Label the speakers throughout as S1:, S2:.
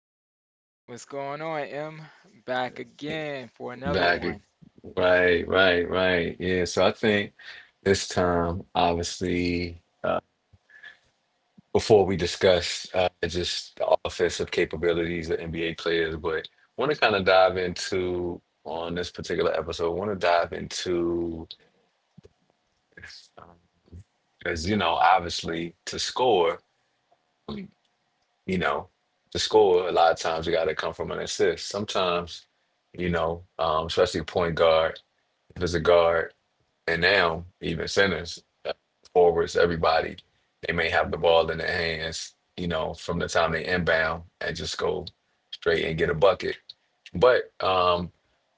S1: all right?
S2: What's going on, M? Back again for another
S1: Back.
S2: one.
S1: Right, right, right. Yeah, so I think this time, obviously, before we discuss just the offensive capabilities of NBA players, but want to kind of dive into on this particular episode, want to dive into, um, as you know, obviously to score. You know, to score, a lot of times you got to come from an assist. Sometimes, especially point guard, if it's a guard, and now even centers, forwards, everybody, they may have the ball in their hands, from the time they inbound and just go straight and get a bucket. But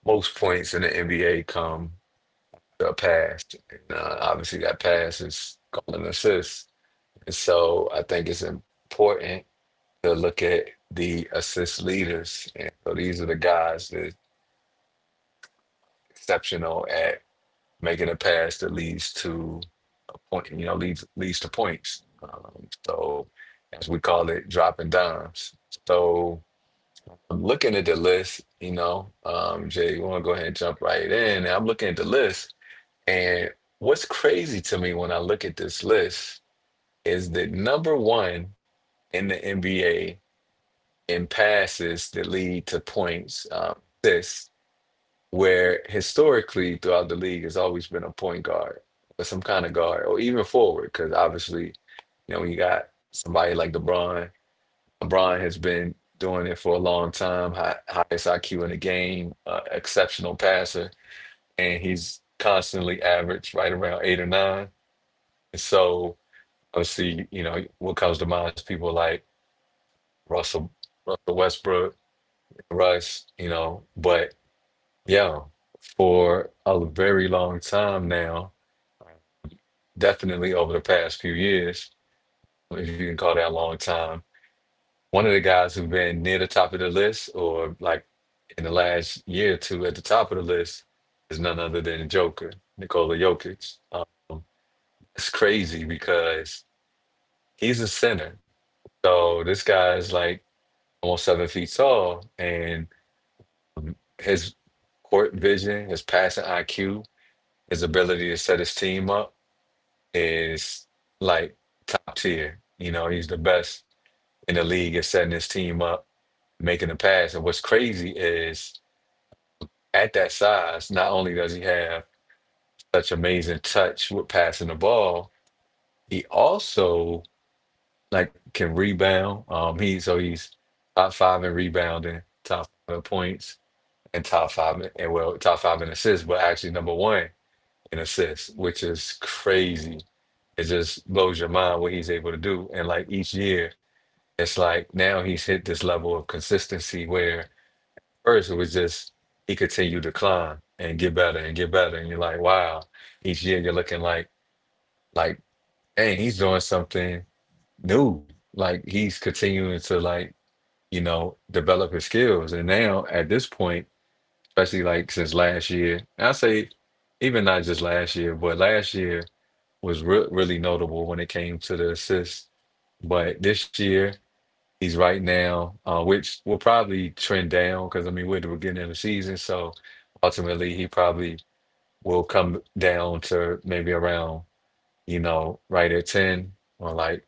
S1: most points in the NBA come the pass. And, obviously, that pass is called an assist. And so I think it's important to look at the assist leaders. And so these are the guys that exceptional at making a pass that leads to a point, leads to points. So as we call it, dropping dimes. So I'm looking at the list, Jay, you want to go ahead and jump right in. I'm looking at the list, and what's crazy to me when I look at this list is that number one in the NBA and passes that lead to points, assists, where historically throughout the league has always been a point guard or some kind of guard or even forward. Because obviously, when you got somebody like LeBron has been doing it for a long time, highest IQ in the game, exceptional passer, and he's constantly averaged right around eight or nine. And so, obviously, what comes to mind is people like Russell, Russell Westbrook, Russ, but yeah, for a very long time now, definitely over the past few years, if you can call that a long time. One of the guys who've been near the top of the list, or like in the last year or two at the top of the list, is none other than Joker, Nikola Jokic. It's crazy because he's a center. So this guy is like almost 7 feet tall, and his court vision, his passing IQ, his ability to set his team up is like top tier. He's the best in the league at setting his team up, making the pass. And what's crazy is at that size, not only does he have such amazing touch with passing the ball, he also like can rebound. He so he's top five in rebounding, top five in points, and well, top five in assists, but actually number one in assists, which is crazy. It just blows your mind what he's able to do. And like each year it's like now he's hit this level of consistency where first it was just he continued to climb and get better and get better. And you're like, wow, each year you're looking like, dang, he's doing something new. Like he's continuing to like, develop his skills. And now at this point, especially like since last year, and I say even not just last year, but last year was re really notable when it came to the assists. But this year, he's right now, which will probably trend down because I mean we're at the beginning of the season, so ultimately he probably will come down to maybe around right at 10 or like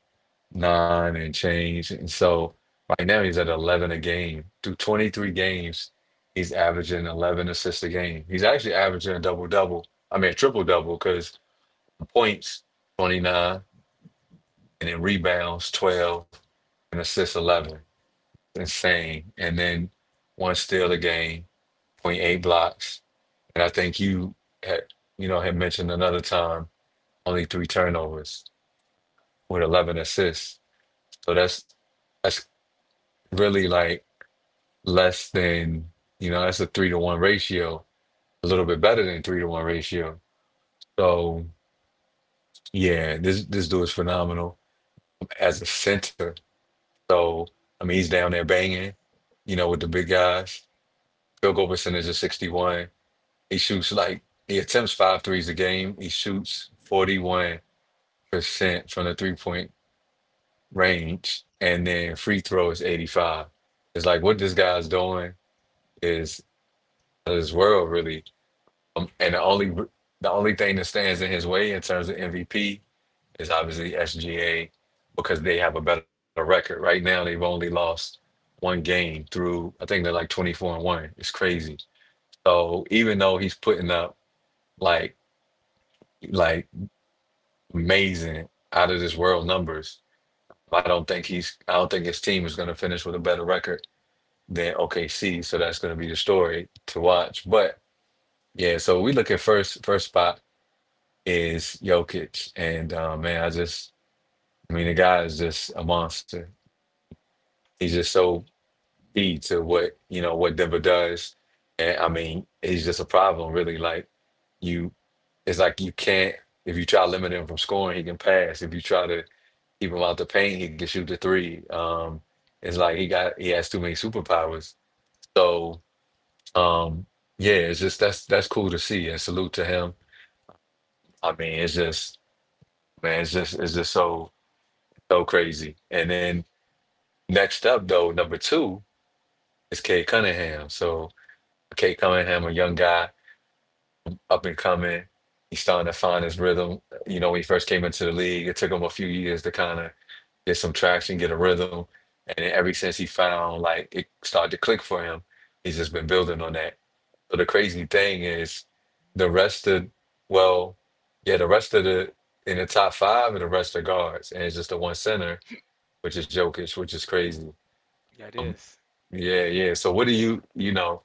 S1: nine and change. And so right now he's at 11 a game through 23 games. He's averaging 11 assists a game. He's actually averaging a double double. I mean a triple double because points 29 and then rebounds 12 and assists 11. Insane. And then one steal a game, 0.8 blocks. And I think you had, had mentioned another time only three turnovers with 11 assists. So that's really like less than, that's a three to one ratio, a little bit better than three to one ratio. So yeah, this dude is phenomenal as a center. So I mean, he's down there banging, with the big guys. Field goal percentage of 61. He shoots like he attempts five threes a game. He shoots 41% from the 3-point range, and then free throw is 85. It's like what this guy's doing is out of this world really. And the only thing that stands in his way in terms of MVP is obviously SGA because they have a better record. Right now, they've only lost one game through I think they're like 24-1. It's crazy. So even though he's putting up like like amazing, out of this world numbers. I don't think he's. I don't think his team is going to finish with a better record than OKC. So that's going to be the story to watch. But yeah, so we look at first spot is Jokic, and man, I just. I mean, the guy is just a monster. He's just so key to what you know what Denver does, and I mean, he's just a problem. Really, you, it's like you can't. If you try to limit him from scoring, he can pass. If you try to keep him out the paint, he can shoot the three. It's like he has too many superpowers. So um, yeah, it's just that's cool to see and salute to him. I mean, it's just man, it's just so crazy. And then next up though, number two is Kate Cunningham. So Kate Cunningham, a young guy, up and coming. He's starting to find his rhythm. When he first came into the league, it took him a few years to kind of get some traction, get a rhythm. And then ever since he found like it started to click for him, he's just been building on that. So the crazy thing is the rest of well, yeah, the rest of the in the top five and the rest are guards. And it's just the one center, which is Jokic, which is crazy.
S2: That
S1: Um,
S2: is.
S1: yeah, yeah. So what do you you know,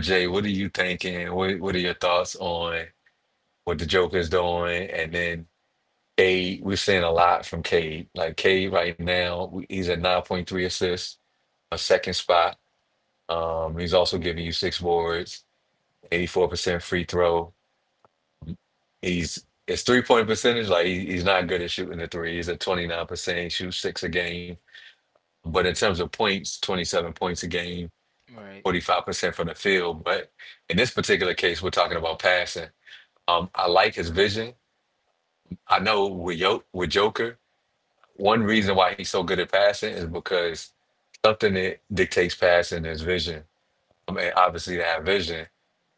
S1: Jay, what are you thinking? What are your thoughts on what the Joker's doing, and then Cade. We're seeing a lot from Cade. Like Cade right now, he's at 9.3 assists, a second spot. He's also giving you six boards, 84% free throw. He's his 3-point percentage. Like he's not good at shooting the three. He's at 29%. He shoots six a game, but in terms of points, 27 points a game.
S2: Right.
S1: 45% from the field, but in this particular case, we're talking about passing. I like his vision. I know with Joker, one reason why he's so good at passing is because something that dictates passing is vision. I mean, obviously, to have vision,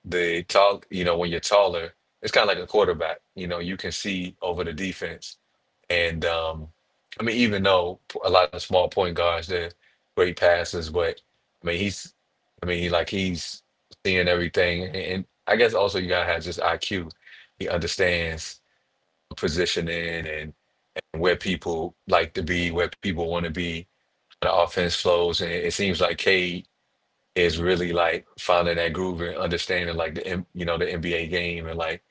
S1: the tall, you know, when you're taller, it's kind of like a quarterback. You can see over the defense. And I mean, even though a lot of small point guards, they're great passers, but I mean, like he's seeing everything. And I guess also you gotta have just IQ. He understands positioning and where people like to be, where people want to be. The offense flows, and it seems like Cade is really like finding that groove and understanding like the NBA game and like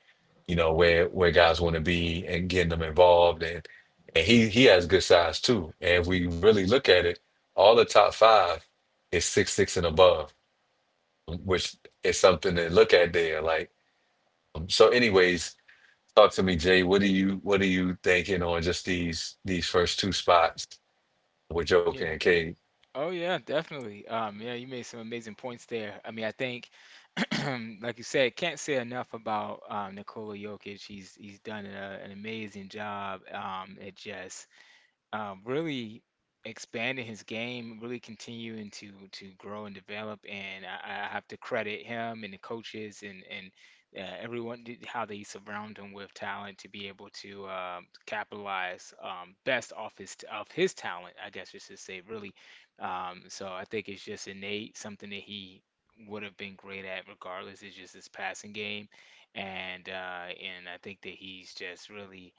S1: where guys want to be and getting them involved and he has good size too. And if we really look at it, all the top five is six six and above, which is something to look at there. Like so, anyways. Talk to me, Jay. What are you thinking on just these first two spots, with Joker and
S2: Yeah.
S1: Kate?
S2: Oh yeah, definitely. Yeah, you made some amazing points there. I mean, I think, like you said, can't say enough about Nikola Jokic. He's done an amazing job at just really expanding his game, really continuing to grow and develop. And I have to credit him and the coaches and how they surround him with talent to be able to capitalize best off his of his talent. I guess just to say really. So I think it's just innate, something that he would have been great at regardless. It's just his passing game. And I think that he's just really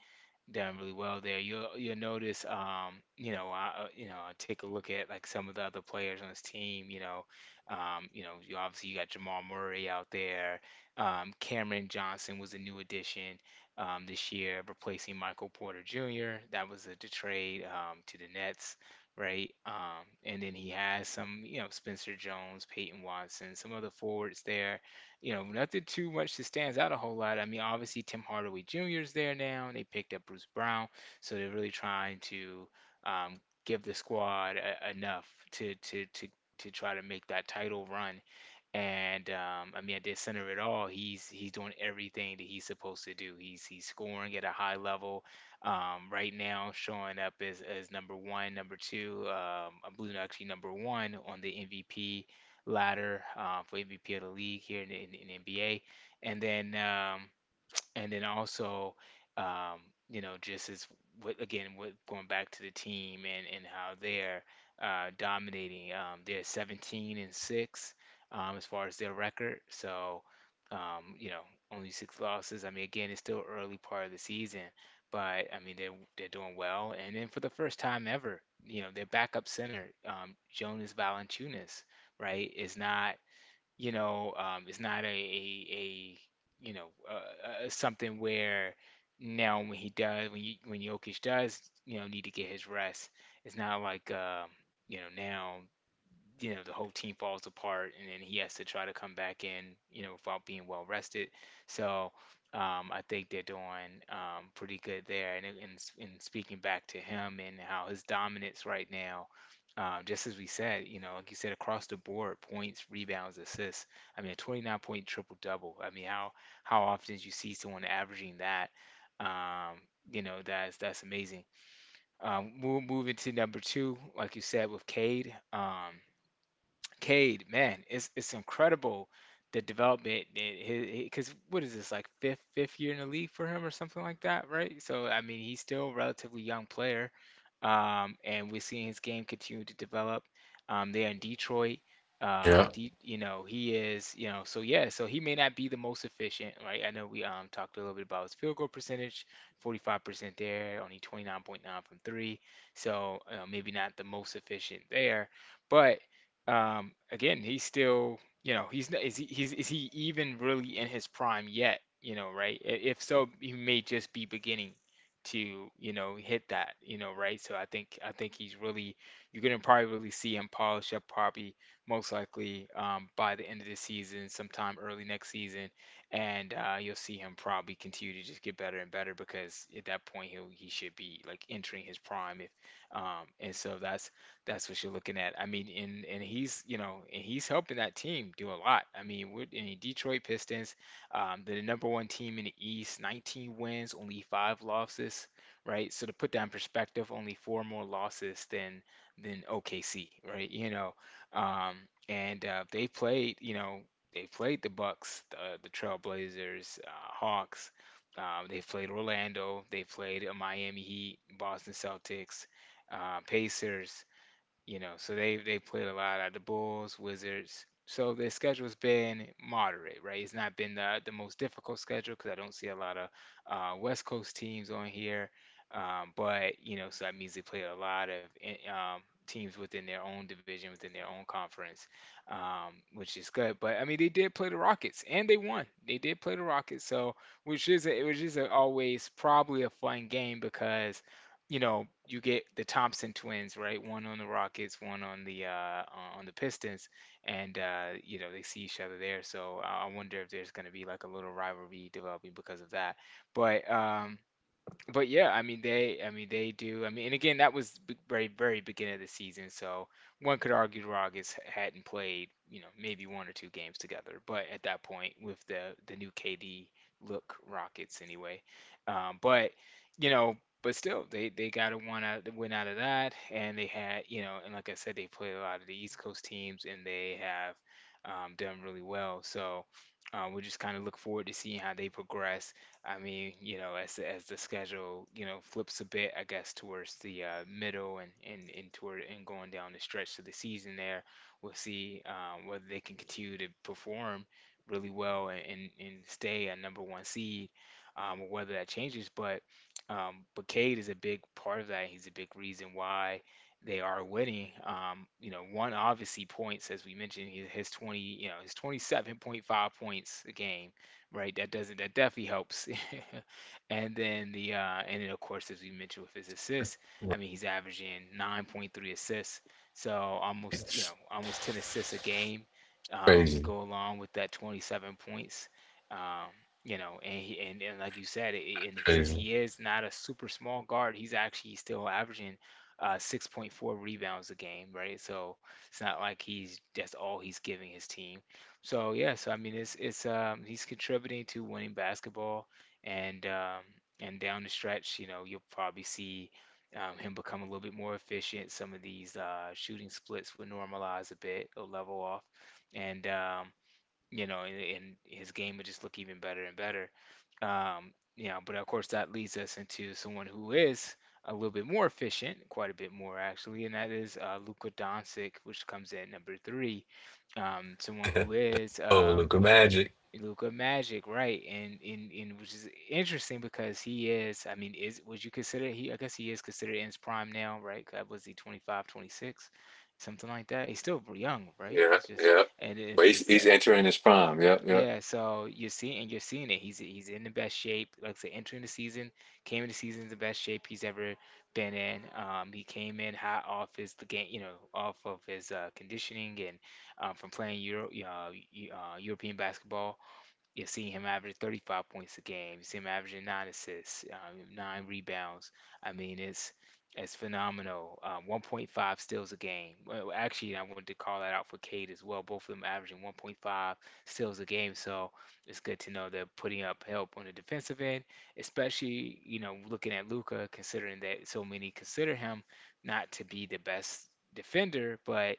S2: done really well there. You'll notice, you know, you know, I take a look at like some of the other players on his team. You know, you know, you got Jamal Murray out there. Cameron Johnson was a new addition this year, replacing Michael Porter Jr. That was the trade to the Nets, right? And then he has some, you know, Spencer Jones, Peyton Watson, some other forwards there, you know, nothing too much that stands out a whole lot. I mean, obviously Tim Hardaway Jr. is there now, and they picked up Bruce Brown, so they're really trying to give the squad enough to to try to make that title run. And I mean, at the center of it all, he's doing everything that he's supposed to do. He's scoring at a high level right now, showing up as number one, number two. I believe actually number one on the MVP ladder for MVP of the league here in NBA. And then um, and then also, um, you know, just as what again, what going back to the team and how they're dominating. They're 17 and six as far as their record. So, you know, only six losses. I mean, again, it's still early part of the season, but I mean, they're doing well. And then for the first time ever, you know, their backup center, Jonas Valanciunas, right, is not, you know, it's not a, a you know, something where now when he does when you when Jokic does, you know, need to get his rest, it's not like you know now, you know, the whole team falls apart and then he has to try to come back in, you know, without being well rested. So I think they're doing pretty good there, and speaking back to him and how his dominance right now, just as we said, you know, like you said, across the board, points, rebounds, assists. I mean a 29 point triple double. I mean how often do you see someone averaging that? um, you know, that's amazing. We'll move into number two like you said with Cade. Cade, man, it's incredible the development. Because what is this like fifth year in the league for him or something like that, right? So I mean, he's still a relatively young player, and we're seeing his game continue to develop. There in Detroit,
S1: Yeah.
S2: You know, he is, you know, so yeah, so he may not be the most efficient, right? I know we talked a little bit about his field goal percentage, 45% there, only 29.9 from three, so maybe not the most efficient there, but again, he's still, you know, he's not, is is he even really in his prime yet? You know, right? I- If so, he may just be beginning to, you know, hit that, you know, right? So I think he's really, you're gonna probably really see him polish up probably most likely by the end of the season, sometime early next season, and you'll see him probably continue to just get better and better because at that point he should be like entering his prime. If and so that's what you're looking at. I mean, and he's, you know, and he's helping that team do a lot. I mean, we're in Detroit Pistons. They're the number one team in the East, 19 wins, only five losses, right? So to put that in perspective, only four more losses than OKC, right? You know, um, and they played, you know, they played the Bucks, the Trailblazers, Hawks. They played Orlando. They played a Miami Heat, Boston Celtics, Pacers. You know, so they played a lot at the Bulls, Wizards. So their schedule's been moderate, right? It's not been the most difficult schedule, because I don't see a lot of West Coast teams on here. But you know, so that means they play a lot of teams within their own division, within their own conference, which is good. But I mean, they did play the Rockets and they won. They did play the Rockets, so which is which is a, always probably a fun game, because, you know, you get the Thompson twins, right? One on the Rockets, one on the Pistons, and you know, they see each other there. So I wonder if there's going to be like a little rivalry developing because of that. But um, but yeah, I mean they do. I mean, and again, that was very, very beginning of the season, so one could argue the Rockets hadn't played, you know, maybe one or two games together. But at that point, with the new KD look Rockets anyway, but you know, but still, they got a one out win out of that, and they had, you know, and like I said, they played a lot of the East Coast teams, and they have done really well. So. We just kind of look forward to seeing how they progress. I mean, you know, as the schedule, you know, flips a bit, I guess, towards the middle and, toward and going down the stretch of the season there, we'll see whether they can continue to perform really well, and stay a number one seed, or whether that changes. But Cade is a big part of that. He's a big reason why they are winning. You know, one obviously points, as we mentioned, you know, his 27.5 points a game, right? That doesn't, that definitely helps. And then the and then of course as we mentioned with his assists, I mean he's averaging 9.3 assists. So almost, you know, almost 10 assists a game to
S1: Crazy.
S2: go along with that 27 points. Um You know, and he and like you said, and since
S1: Crazy.
S2: he is not a super small guard, he's actually still averaging 6.4 rebounds a game, right? So it's not like he's, that's all he's giving his team. So yeah, so I mean it's he's contributing to winning basketball, and um and down the stretch, you know, you'll probably see him become a little bit more efficient. Some of these shooting splits will normalize a bit, will level off, and you know, and his game will just look even better and better. You know, but of course that leads us into someone who is a little bit more efficient, quite a bit more actually, and that is Luka Doncic, which comes in number three. Someone who is
S1: Overlooking magic.
S2: Luka Magic, right? And in which is interesting because he is, I mean, is, would you consider he? I guess he is considered in his prime now, right? God, was he 25, 26, something like that? He's still young, right?
S1: Yeah,
S2: It's just
S1: yeah.
S2: and
S1: But
S2: it's
S1: he's, he's entering his prime. Yep, yep.
S2: yeah. So you're seeing, and you're seeing it. He's in the best shape. Like I said, entering the season, came in the season in the best shape he's ever been in. He came in hot off his the game, you know, off of his conditioning and from playing European basketball. You see him average 35 points a game. You see him averaging nine assists, nine rebounds. I mean, it's phenomenal. 1.5 steals a game. Well, actually, I wanted to call that out for Kate as well. Both of them averaging 1.5 steals a game. So it's good to know they're putting up help on the defensive end, especially you know looking at Luca, considering that so many consider him not to be the best defender, but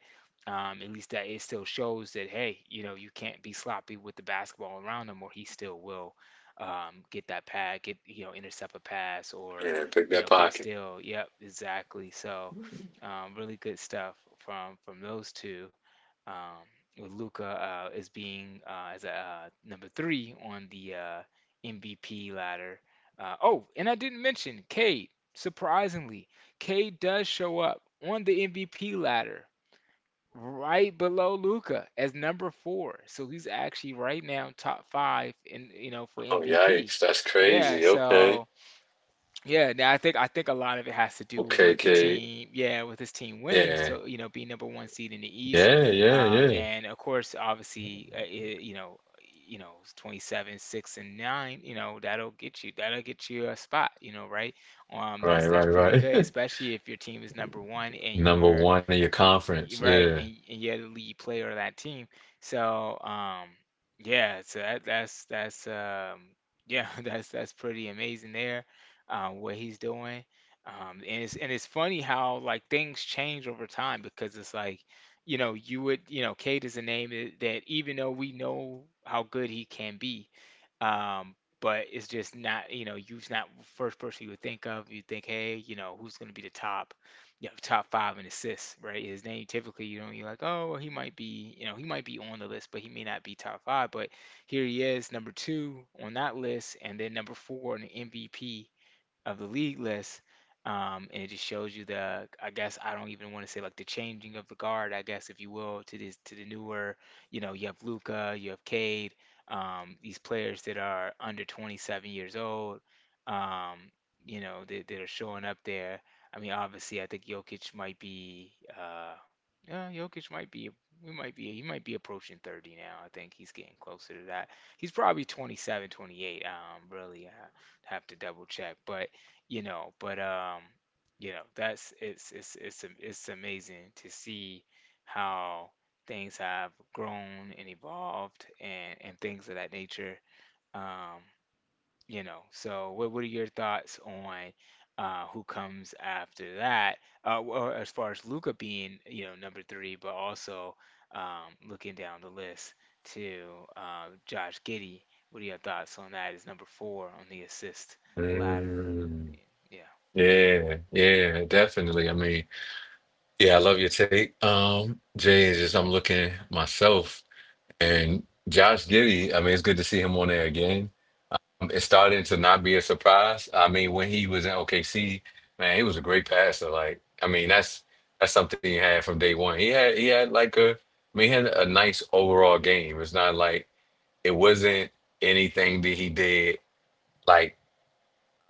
S2: at least that it still shows that hey, you know, you can't be sloppy with the basketball around him, or he still will get that pad, get you know, intercept a pass, or
S1: Yeah, pick
S2: you
S1: that
S2: know, get a
S1: pocket.
S2: steal. Yep, exactly. So, really good stuff from those two. Um, with Luca as being as a number three on the MVP ladder. Oh, and I didn't mention Cade. Surprisingly, Cade does show up on the MVP ladder right below Luca as number four. So he's actually right now top five in you know for
S1: Oh,
S2: MVP.
S1: yikes. That's
S2: Yeah,
S1: crazy. Okay.
S2: so yeah, now I think a lot of it has to do
S1: Okay,
S2: with the
S1: Kate.
S2: team, yeah, with his team winning.
S1: Yeah.
S2: So you know, being number one seed in the East,
S1: Yeah, yeah, yeah.
S2: and of course, obviously, it, you know, it's 27, six and nine, you know, that'll get you a spot, you know, right? That's
S1: Right,
S2: that's
S1: right,
S2: pretty good,
S1: right.
S2: especially if your team is number one and
S1: Number
S2: you're
S1: one in your conference.
S2: Right,
S1: Yeah.
S2: and, and you're the lead player of that team. So, yeah, so that's yeah, that's pretty amazing there, what he's doing. And it's and it's funny how like things change over time because it's like, you know, you know, Cade is a name that even though we know how good he can be, um, but it's just not, you know, you's not first person you would think of. You think, hey, you know, who's going to be the top, you know, top five in assists, right? His name typically, you know, you're like, oh, well, he might be, you know, he might be on the list, but he may not be top five. But here he is, number two on that list, and then number four in the MVP of the league list. And it just shows you I guess I don't even want to say like the changing of the guard, I guess if you will, to this to the newer, you know, you have Luca, you have Cade, these players that are under 27 years old, um, you know, that are showing up there. I mean, obviously, I think Jokic might be, uh, yeah, Jokic might be, we might be, he might be approaching 30 now. I think he's getting closer to that. He's probably 27, 28. Really, I have to double check, but you know but um you know that's it's amazing to see how things have grown and evolved and things of that nature um you know so what are your thoughts on who comes after that or as far as Luca being you know number 3 but also looking down the list to Josh Giddey. What are your thoughts on that is number 4 on the assist ladder
S1: Mm.
S2: yeah?
S1: Yeah, yeah, definitely. I mean, yeah, I love your take. Jay is just I'm looking myself. And Josh Giddy, I mean, it's good to see him on there again. It's starting to not be a surprise. I mean, when he was in OKC, man, he was a great passer. Like, I mean, that's something he had from day one. He had like a, I mean, he had a nice overall game. It's not like it wasn't anything that he did like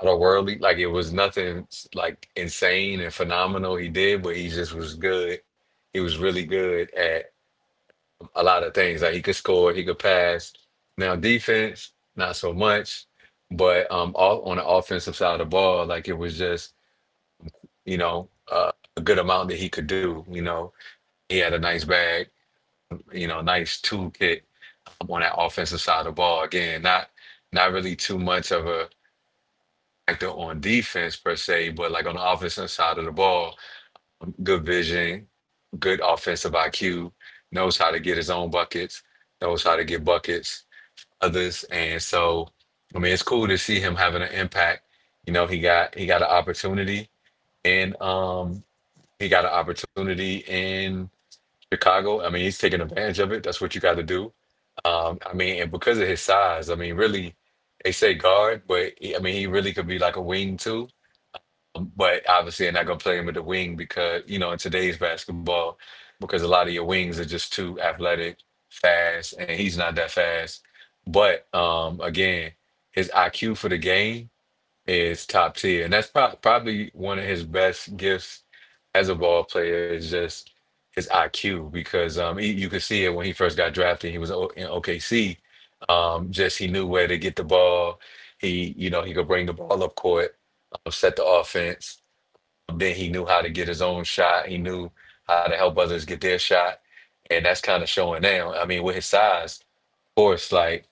S1: otherworldly. Like it was nothing like insane and phenomenal he did, but he just was good. He was really good a lot of things. Like, he could score, he could pass. Now defense, not so much, but on the offensive side of the ball, like, it was just a good amount that he could do. He had a nice bag, nice toolkit on that offensive side of the ball. Again, not really too much of a factor on defense per se, but like, on the offensive side of the ball, good vision, good offensive IQ, knows how to get his own buckets, knows how to get buckets others. And so, I mean, it's cool to see him having an impact. He got an opportunity and he got an opportunity in Chicago. I mean, he's taking advantage of it. That's what you got to do. I mean, and because of his size, I mean, really, they say guard, but he, I mean, he really could be like a wing too. But obviously, they're not going to play him at the wing because, in today's basketball, because a lot of your wings are just too athletic, fast, and he's not that fast. But again, his IQ for the game is top tier. And that's probably one of his best gifts as a ball player is just his IQ because you could see it when he first got drafted. He was o in OKC. Just he knew where to get the ball. He could bring the ball up court, set the offense, then he knew how to get his own shot. He knew how to help others get their shot. And that's kind of showing now. I mean, with his size, of course, like,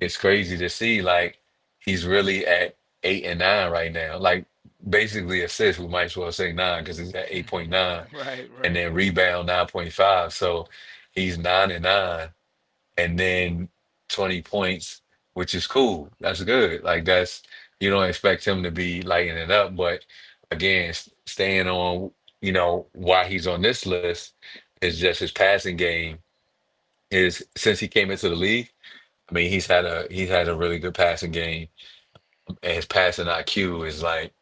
S1: it's crazy to see. Like, he's really at eight and nine right now. Like, basically assists, we might as well say nine because he's at 8.9
S2: Right,
S1: and
S2: right,
S1: then rebound 9.5. So he's nine and nine and then 20 points, which is cool. That's good. Like, that's, you don't expect him to be lighting it up, but again, staying on, why he's on this list is just his passing game is since he came into the league. I mean, he's had a really good passing game, and his passing IQ is, like,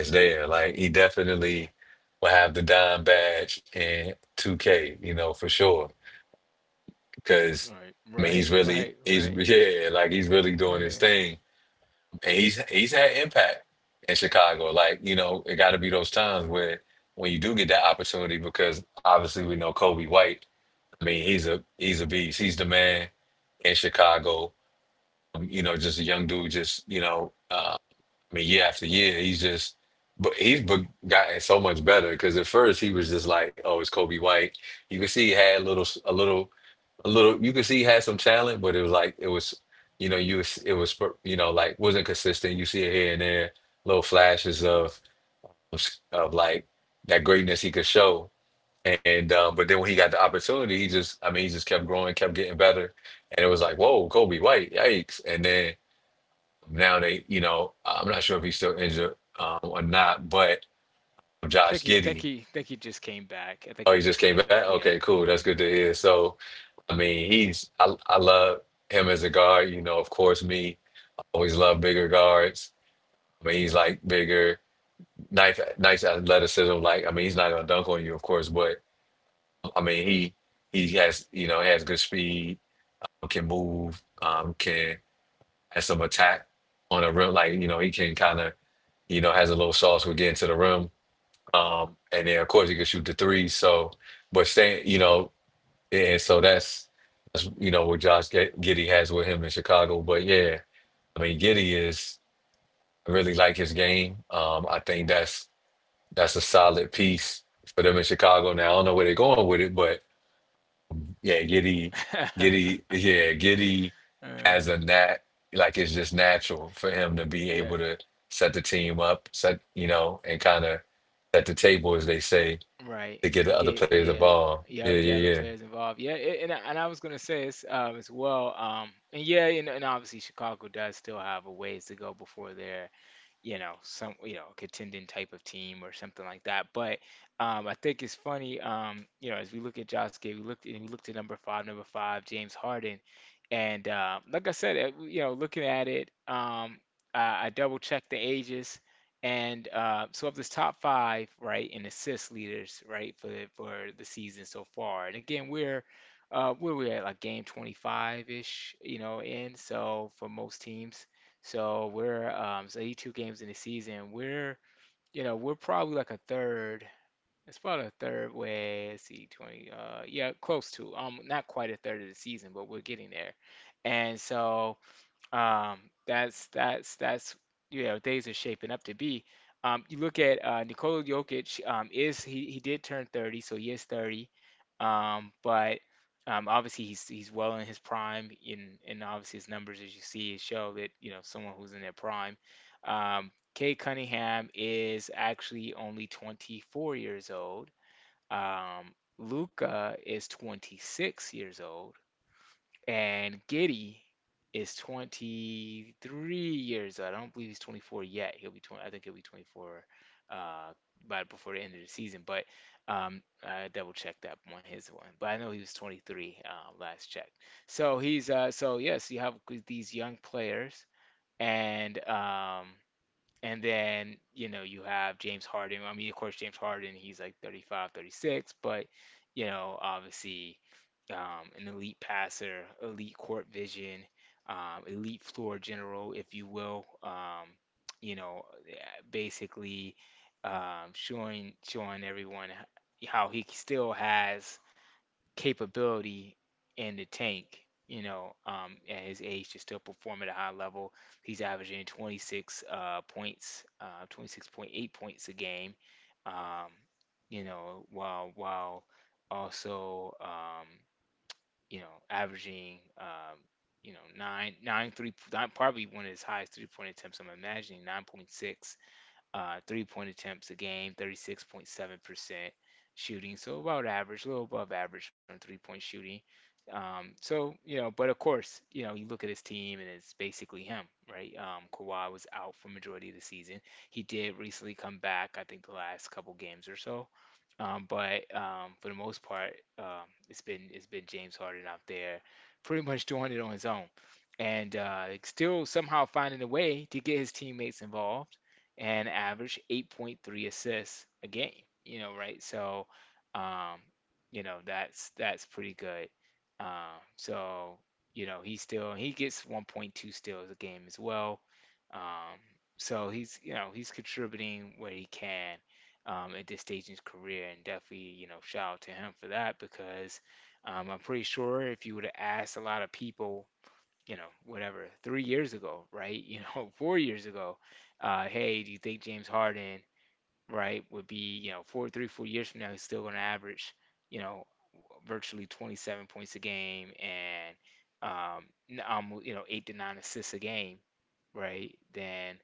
S1: is there. Like, he definitely will have the dime badge in 2K, for sure, because
S2: right,
S1: I mean,
S2: right, right,
S1: he's,
S2: right.
S1: yeah, like, he's really doing his
S2: I
S1: thing, and he's had impact in Chicago. Like, it got to be those times where when you do get that opportunity, because obviously we know Kobe White. I mean, he's a beast. He's the man in Chicago. Just a young dude, just I mean, year after year he's just, but he's gotten so much better because at first he was just like, oh, it's Kobe White. You can see he had little a little a little. You could see he had some talent, but it was like, it was, you was, it was, like, wasn't consistent. You see it here and there, little flashes of of, like, that greatness he could show. And but then when he got the opportunity, he just, I mean, he just kept growing, kept getting better, and it was like, whoa, Kobe White, yikes! And then now, they you know I'm not sure if he's still injured, or not, but
S2: think
S1: Josh
S2: he, think
S1: Giddey,
S2: he, think he just came back. I think he
S1: oh, he
S2: just
S1: just
S2: came
S1: came
S2: back.
S1: back.
S2: Yeah.
S1: Okay, cool, that's
S2: Mm-hmm.
S1: good to hear. So. I mean, he's I love him as a guard. You know, of course, me, I always love bigger guards. I mean, he's like, bigger, nice, nice athleticism. Like, I mean, he's not gonna dunk on you, of course, but I mean, he has, has good speed, can move, can has some attack on the rim. Like, he can kind of, has a little sauce with getting to the rim. And then of course he can shoot the three. So, but staying. And so that's what Josh Giddey has with him in Chicago. But yeah, I mean, Giddey is I really like his game. I think that's a solid piece for them in Chicago. Now I don't know where they're going with it, but yeah, Giddey, Giddey, yeah, Giddey
S2: Uh,
S1: has a nat like, it's just natural for him to be
S2: yeah,
S1: able to set the team up, and kind of set the table, as they say,
S2: right.
S1: to get
S2: And
S1: the other
S2: get
S1: players
S2: yeah.
S1: involved. Yeah,
S2: Yep, get
S1: yeah,
S2: other
S1: yeah.
S2: players involved. Yeah, and I was gonna say this as well. And yeah, and obviously Chicago does still have a ways to go before they're you know, some, you know, contending type of team or something like that. But I think it's funny, you know, as we look at Josh Gay, we looked and we looked at number five, James Harden, and like I said, you know, looking at it, I double checked the ages, and so of this top five, right, in assist leaders, right, for for the season so far, and again, we're where we at like game 25 ish, you know, in so for most teams. So we're it's 82 games in the season. We're you know we're probably like a third. It's probably a third way. Let's see, 20. Yeah, close to. Not quite a third of the season, but we're getting there. And so um, that's that's you know days are shaping up to be. You look at Nikola Jokic. Is he did turn 30, so he is 30. But obviously he's well in his prime, and obviously his numbers as you see show that you know someone who's in their prime. Kay Cunningham is actually only 24 years old. Luca is 26 years old. And Giddy is 23 years old. I don't believe he's 24 yet. I think he'll be 24 uh, by before the end of the season. But I double checked that on his one. But I know he was 23 last check. So he's so yes, you have these young players, and um, and then you know you have James Harden. I mean, of course, James Harden, he's like 35, 36, but you know, obviously an elite passer, elite court vision, elite floor general, if you will. You know, basically showing everyone how he still has capability in the tank. You know, at his age to still perform at a high level. He's averaging 26 points, 26.8 points a game. Um, you know, while also you know, averaging, you know, nine, probably one of his highest three point attempts. I'm imagining 9.6 three point attempts a game, 36.7% shooting. So about average, a little above average on three point shooting. So, you know, but of course, you know, you look at his team and it's basically him, right? Kawhi was out for majority of the season. He did recently come back, I think the last couple games or so. But for the most part, it's been James Harden out there, pretty much doing it on his own, and like, still somehow finding a way to get his teammates involved, and average 8.3 assists a game. You know, right? So, um, you know that's pretty good. So you know he gets 1.2 steals a game as well. Um, so he's, you know, he's contributing where he can at this stage in his career, and definitely, you know, shout out to him for that because I'm pretty sure if you would have asked a lot of people, you know, whatever, 3 years ago, right, you know, 4 years ago, hey, do you think James Harden, right, would be, you know, 4 years from now, he's still going to average, you know, virtually 27 points a game and um, you know, eight to nine assists a game, right? Then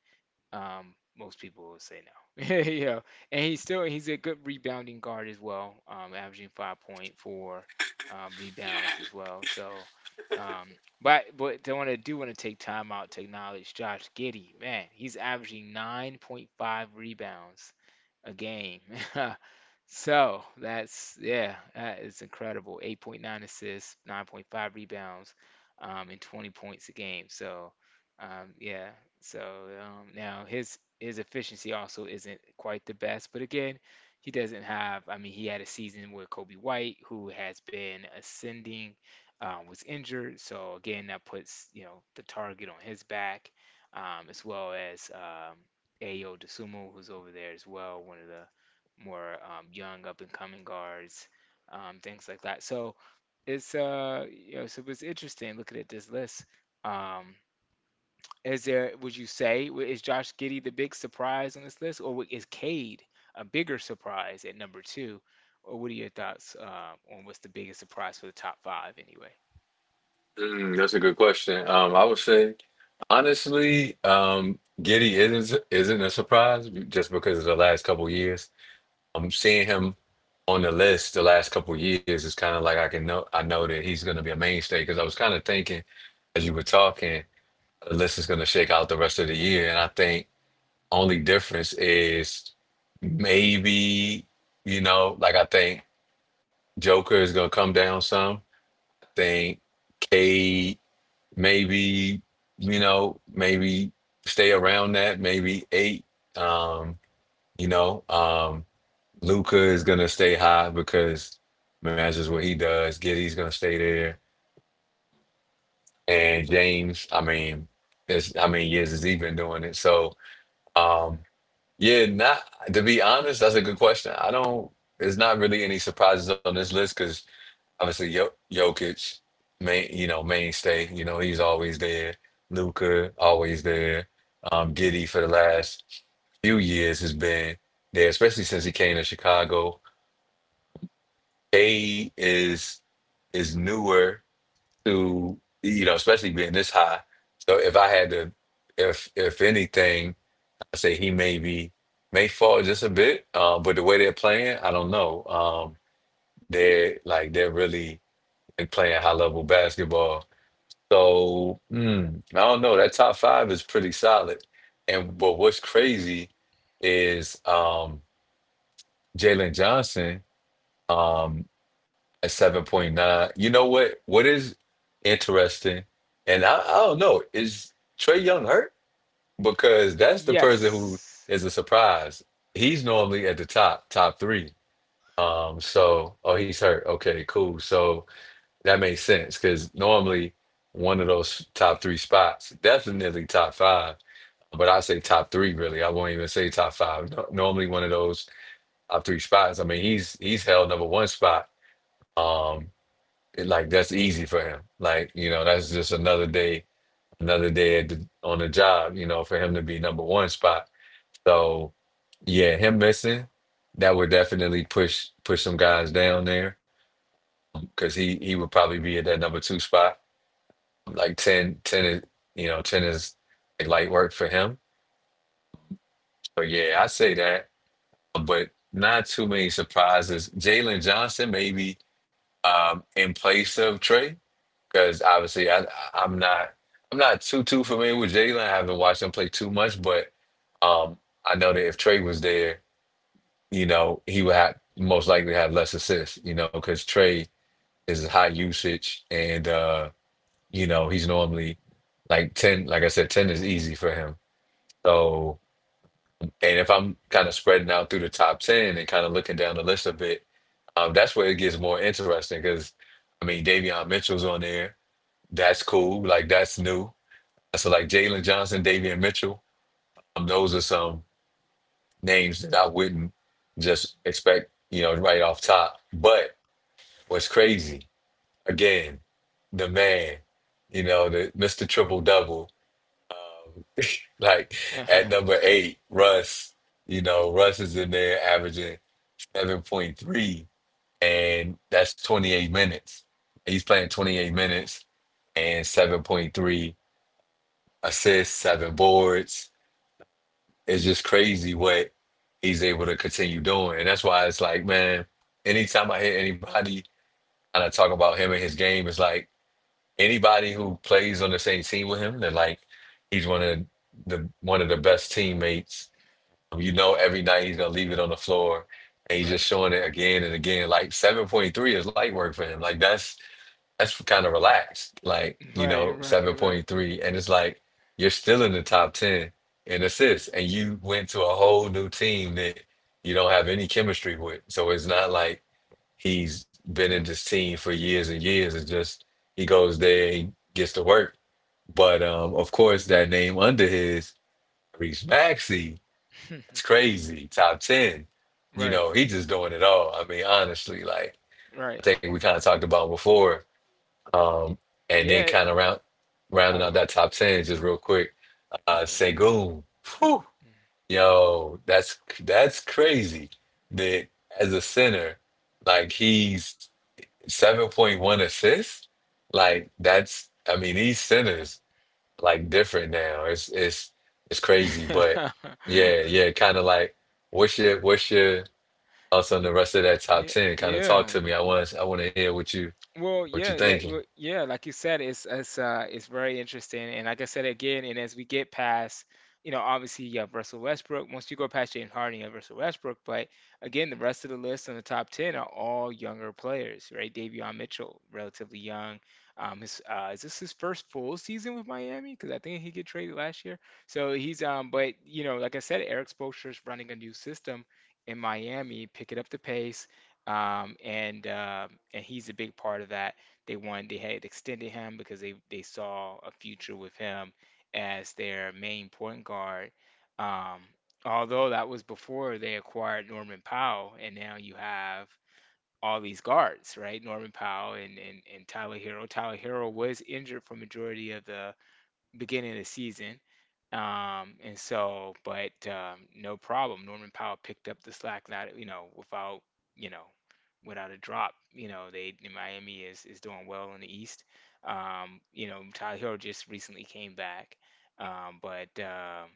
S2: most people will say no. You know, and he's still he's a good rebounding guard as well, averaging 5.4 rebounds as well. So, um, but I want to do want to take time out to acknowledge Josh Giddey. Man, he's averaging 9.5 rebounds a game. So that's yeah, that is incredible. 8.9 assists, 9.5 rebounds, and 20 points a game. So yeah, so now his efficiency also isn't quite the best, but again, he doesn't have. I mean, he had a season with Kobe White, who has been ascending, was injured. So again, that puts you know the target on his back, as well as Ayo Dosunmu, who's over there as well, one of the more young up and coming guards, things like that. So it's you know so it's interesting looking at this list. Um, is there would you say is Josh Giddey the big surprise on this list, or is Cade a bigger surprise at number two? Or what are your thoughts on what's the biggest surprise for the top five anyway?
S1: Mm, that's a good question. I would say, honestly, Giddy isn't a surprise just because of the last couple years. I'm seeing him on the list the last couple years. It's kind of like, I know that he's going to be a mainstay, because I was kind of thinking as you were talking, the list is going to shake out the rest of the year, and I think only difference is maybe, like, I think Joker is going to come down some. I think maybe, maybe stay around that, maybe eight, um you know um Luca is gonna stay high because, man, that's just what he does. Giddy's gonna stay there. And James, I mean, it's I mean, years has he been doing it. So, um yeah. not To be honest, that's a good question. I don't There's not really any surprises on this list, because. Obviously, Jokic, mainstay. He's always there. Luka, always there. Giddy for the last few years has been there, especially since he came to Chicago. Cade is newer to, especially being this high. So if I had to, if anything, I say he maybe may fall just a bit. But the way they're playing, I don't know. They're really, like, playing high level basketball. So, I don't know. That top five is pretty solid. And but what's crazy is Jalen Johnson, um at 7.9. You know what? What is interesting, and I don't know, is Trey Young hurt? Because that's the person who
S2: Yes.
S1: is a surprise. He's normally at the top, top three. So, oh, he's hurt. Okay, cool. So. That makes sense, because normally one of those top three spots, definitely top five, but I say top three really. I won't even say top five. No, normally one of those top three spots. I mean, he's held number one spot. Um, like, that's easy for him. Like, that's just another day on the job. You know, for him to be number one spot. So yeah, him missing that would definitely push some guys down there, because he would probably be at that number two spot. Like, 10, 10 is like light work for him. So yeah, I say that, but not too many surprises. Jalen Johnson, maybe, in place of Trey, because obviously I'm not too familiar with Jalen. I haven't watched him play too much, but um, I know that if Trey was there, he would have most likely have less assists, because Trey is high usage and he's normally like 10. Like I said, 10 is easy for him. So, and if I'm kind of spreading out through the top 10 and kind of looking down the list a bit, that's where it gets more interesting, because, I mean, Davion Mitchell's on there. That's cool. Like, that's new. So, like, Jalen Johnson, Davion Mitchell, those are some names that I wouldn't just expect, right off top. But what's crazy, again, the man, the Mr. Triple Double, um, like, at number eight, Russ, Russ is in there averaging 7.3, and that's 28 minutes. He's playing 28 minutes and 7.3 assists, seven boards. It's just crazy what he's able to continue doing. And that's why it's like, man, anytime I hear anybody and I talk about him and his game, it's like, anybody who plays on the same team with him, they're like, he's one of the best teammates. Every night he's gonna leave it on the floor, and he's just
S2: Right.
S1: showing it again and again. Like, 7.3 is light work for him. Like, that's kind of relaxed. Like,
S2: Right, right, right.
S1: 7.3, and it's like, you're still in the top 10 in assists, and you went to a whole new team that you don't have any chemistry with. So it's not like he's been in
S2: Yeah.
S1: this team for years and years. It's just he goes there, he gets to work. But Of course, that name under his, Reese Maxey, it's crazy. Top 10. You
S2: Right,
S1: know, he just doing it all. I mean, honestly, like I
S2: right.
S1: think we kind of talked about before. Um,
S2: Y-
S1: and then
S2: Yeah,
S1: kind of rounding
S2: I
S1: out that top 10 just real quick. Uh,
S2: okay.
S1: Segun. Whew. Yo, that's crazy. That, as a center, like he's 7.1 assists. Like that's, I mean, these centers like different now. It's crazy, but yeah, yeah, kind of like. What's your Also, in the
S2: Y-
S1: rest of that top ten, kind of talk
S2: Yeah,
S1: to me. I want to hear
S2: well,
S1: what you
S2: yeah,
S1: thinking.
S2: yeah, like you said, it's very interesting, and like I said again, and as we get past, you know, obviously you have Russell Westbrook. Once you go past James Harden, you have Russell Westbrook. But again, the rest of the list in the top ten are all younger players, right? Davion Mitchell, relatively young. His is this his first full season with Miami? Because I think he get traded last year. So he's but you know, like I said, Eric Spoelstra is running a new system in Miami, picking up the pace, and he's a big part of that. They had extended him because they saw a future with him as their main point guard. Um, although that was before they acquired Norman Powell, and now you have all these guards, right? Norman Powell and Tyler Hero. Tyler Hero was injured for majority of the beginning of the season, and so, but no problem. Norman Powell picked up the slack, not without you know, without a drop. You know, they Miami is doing well in the East. You know, Tyler Hero just recently came back. But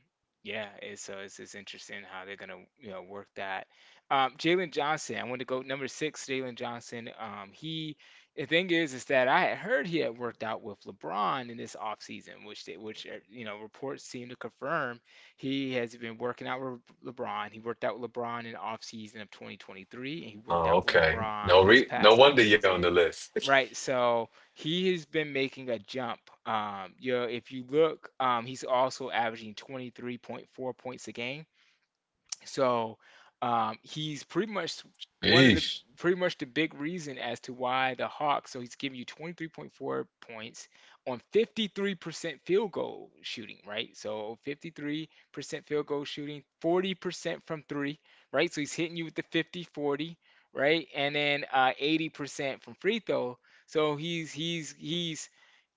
S2: Yeah, it's, so it's interesting how they're gonna work that. Jalen Johnson, I want to go number six. Jalen Johnson, he, the thing is that I had heard he had worked out with LeBron in this offseason, which you know, reports seem to confirm. He has been working out with LeBron. He worked out with LeBron in the offseason of 2023, and he worked
S1: Oh,
S2: out with
S1: okay.
S2: LeBron this
S1: No
S2: past
S1: wonder you're on the
S2: offseason.
S1: list.
S2: Right, so he has been making a jump. You know, if you look, he's also averaging 23.4 points a game. So he's pretty much one of the,
S1: Yeesh.
S2: pretty much the big reason as to why the Hawks. So he's giving you 23.4 points on 53% field goal shooting, right? So 53% field goal shooting, 40% from three, right? So he's hitting you with the 50, 40, right? And then 80% from free throw. So he's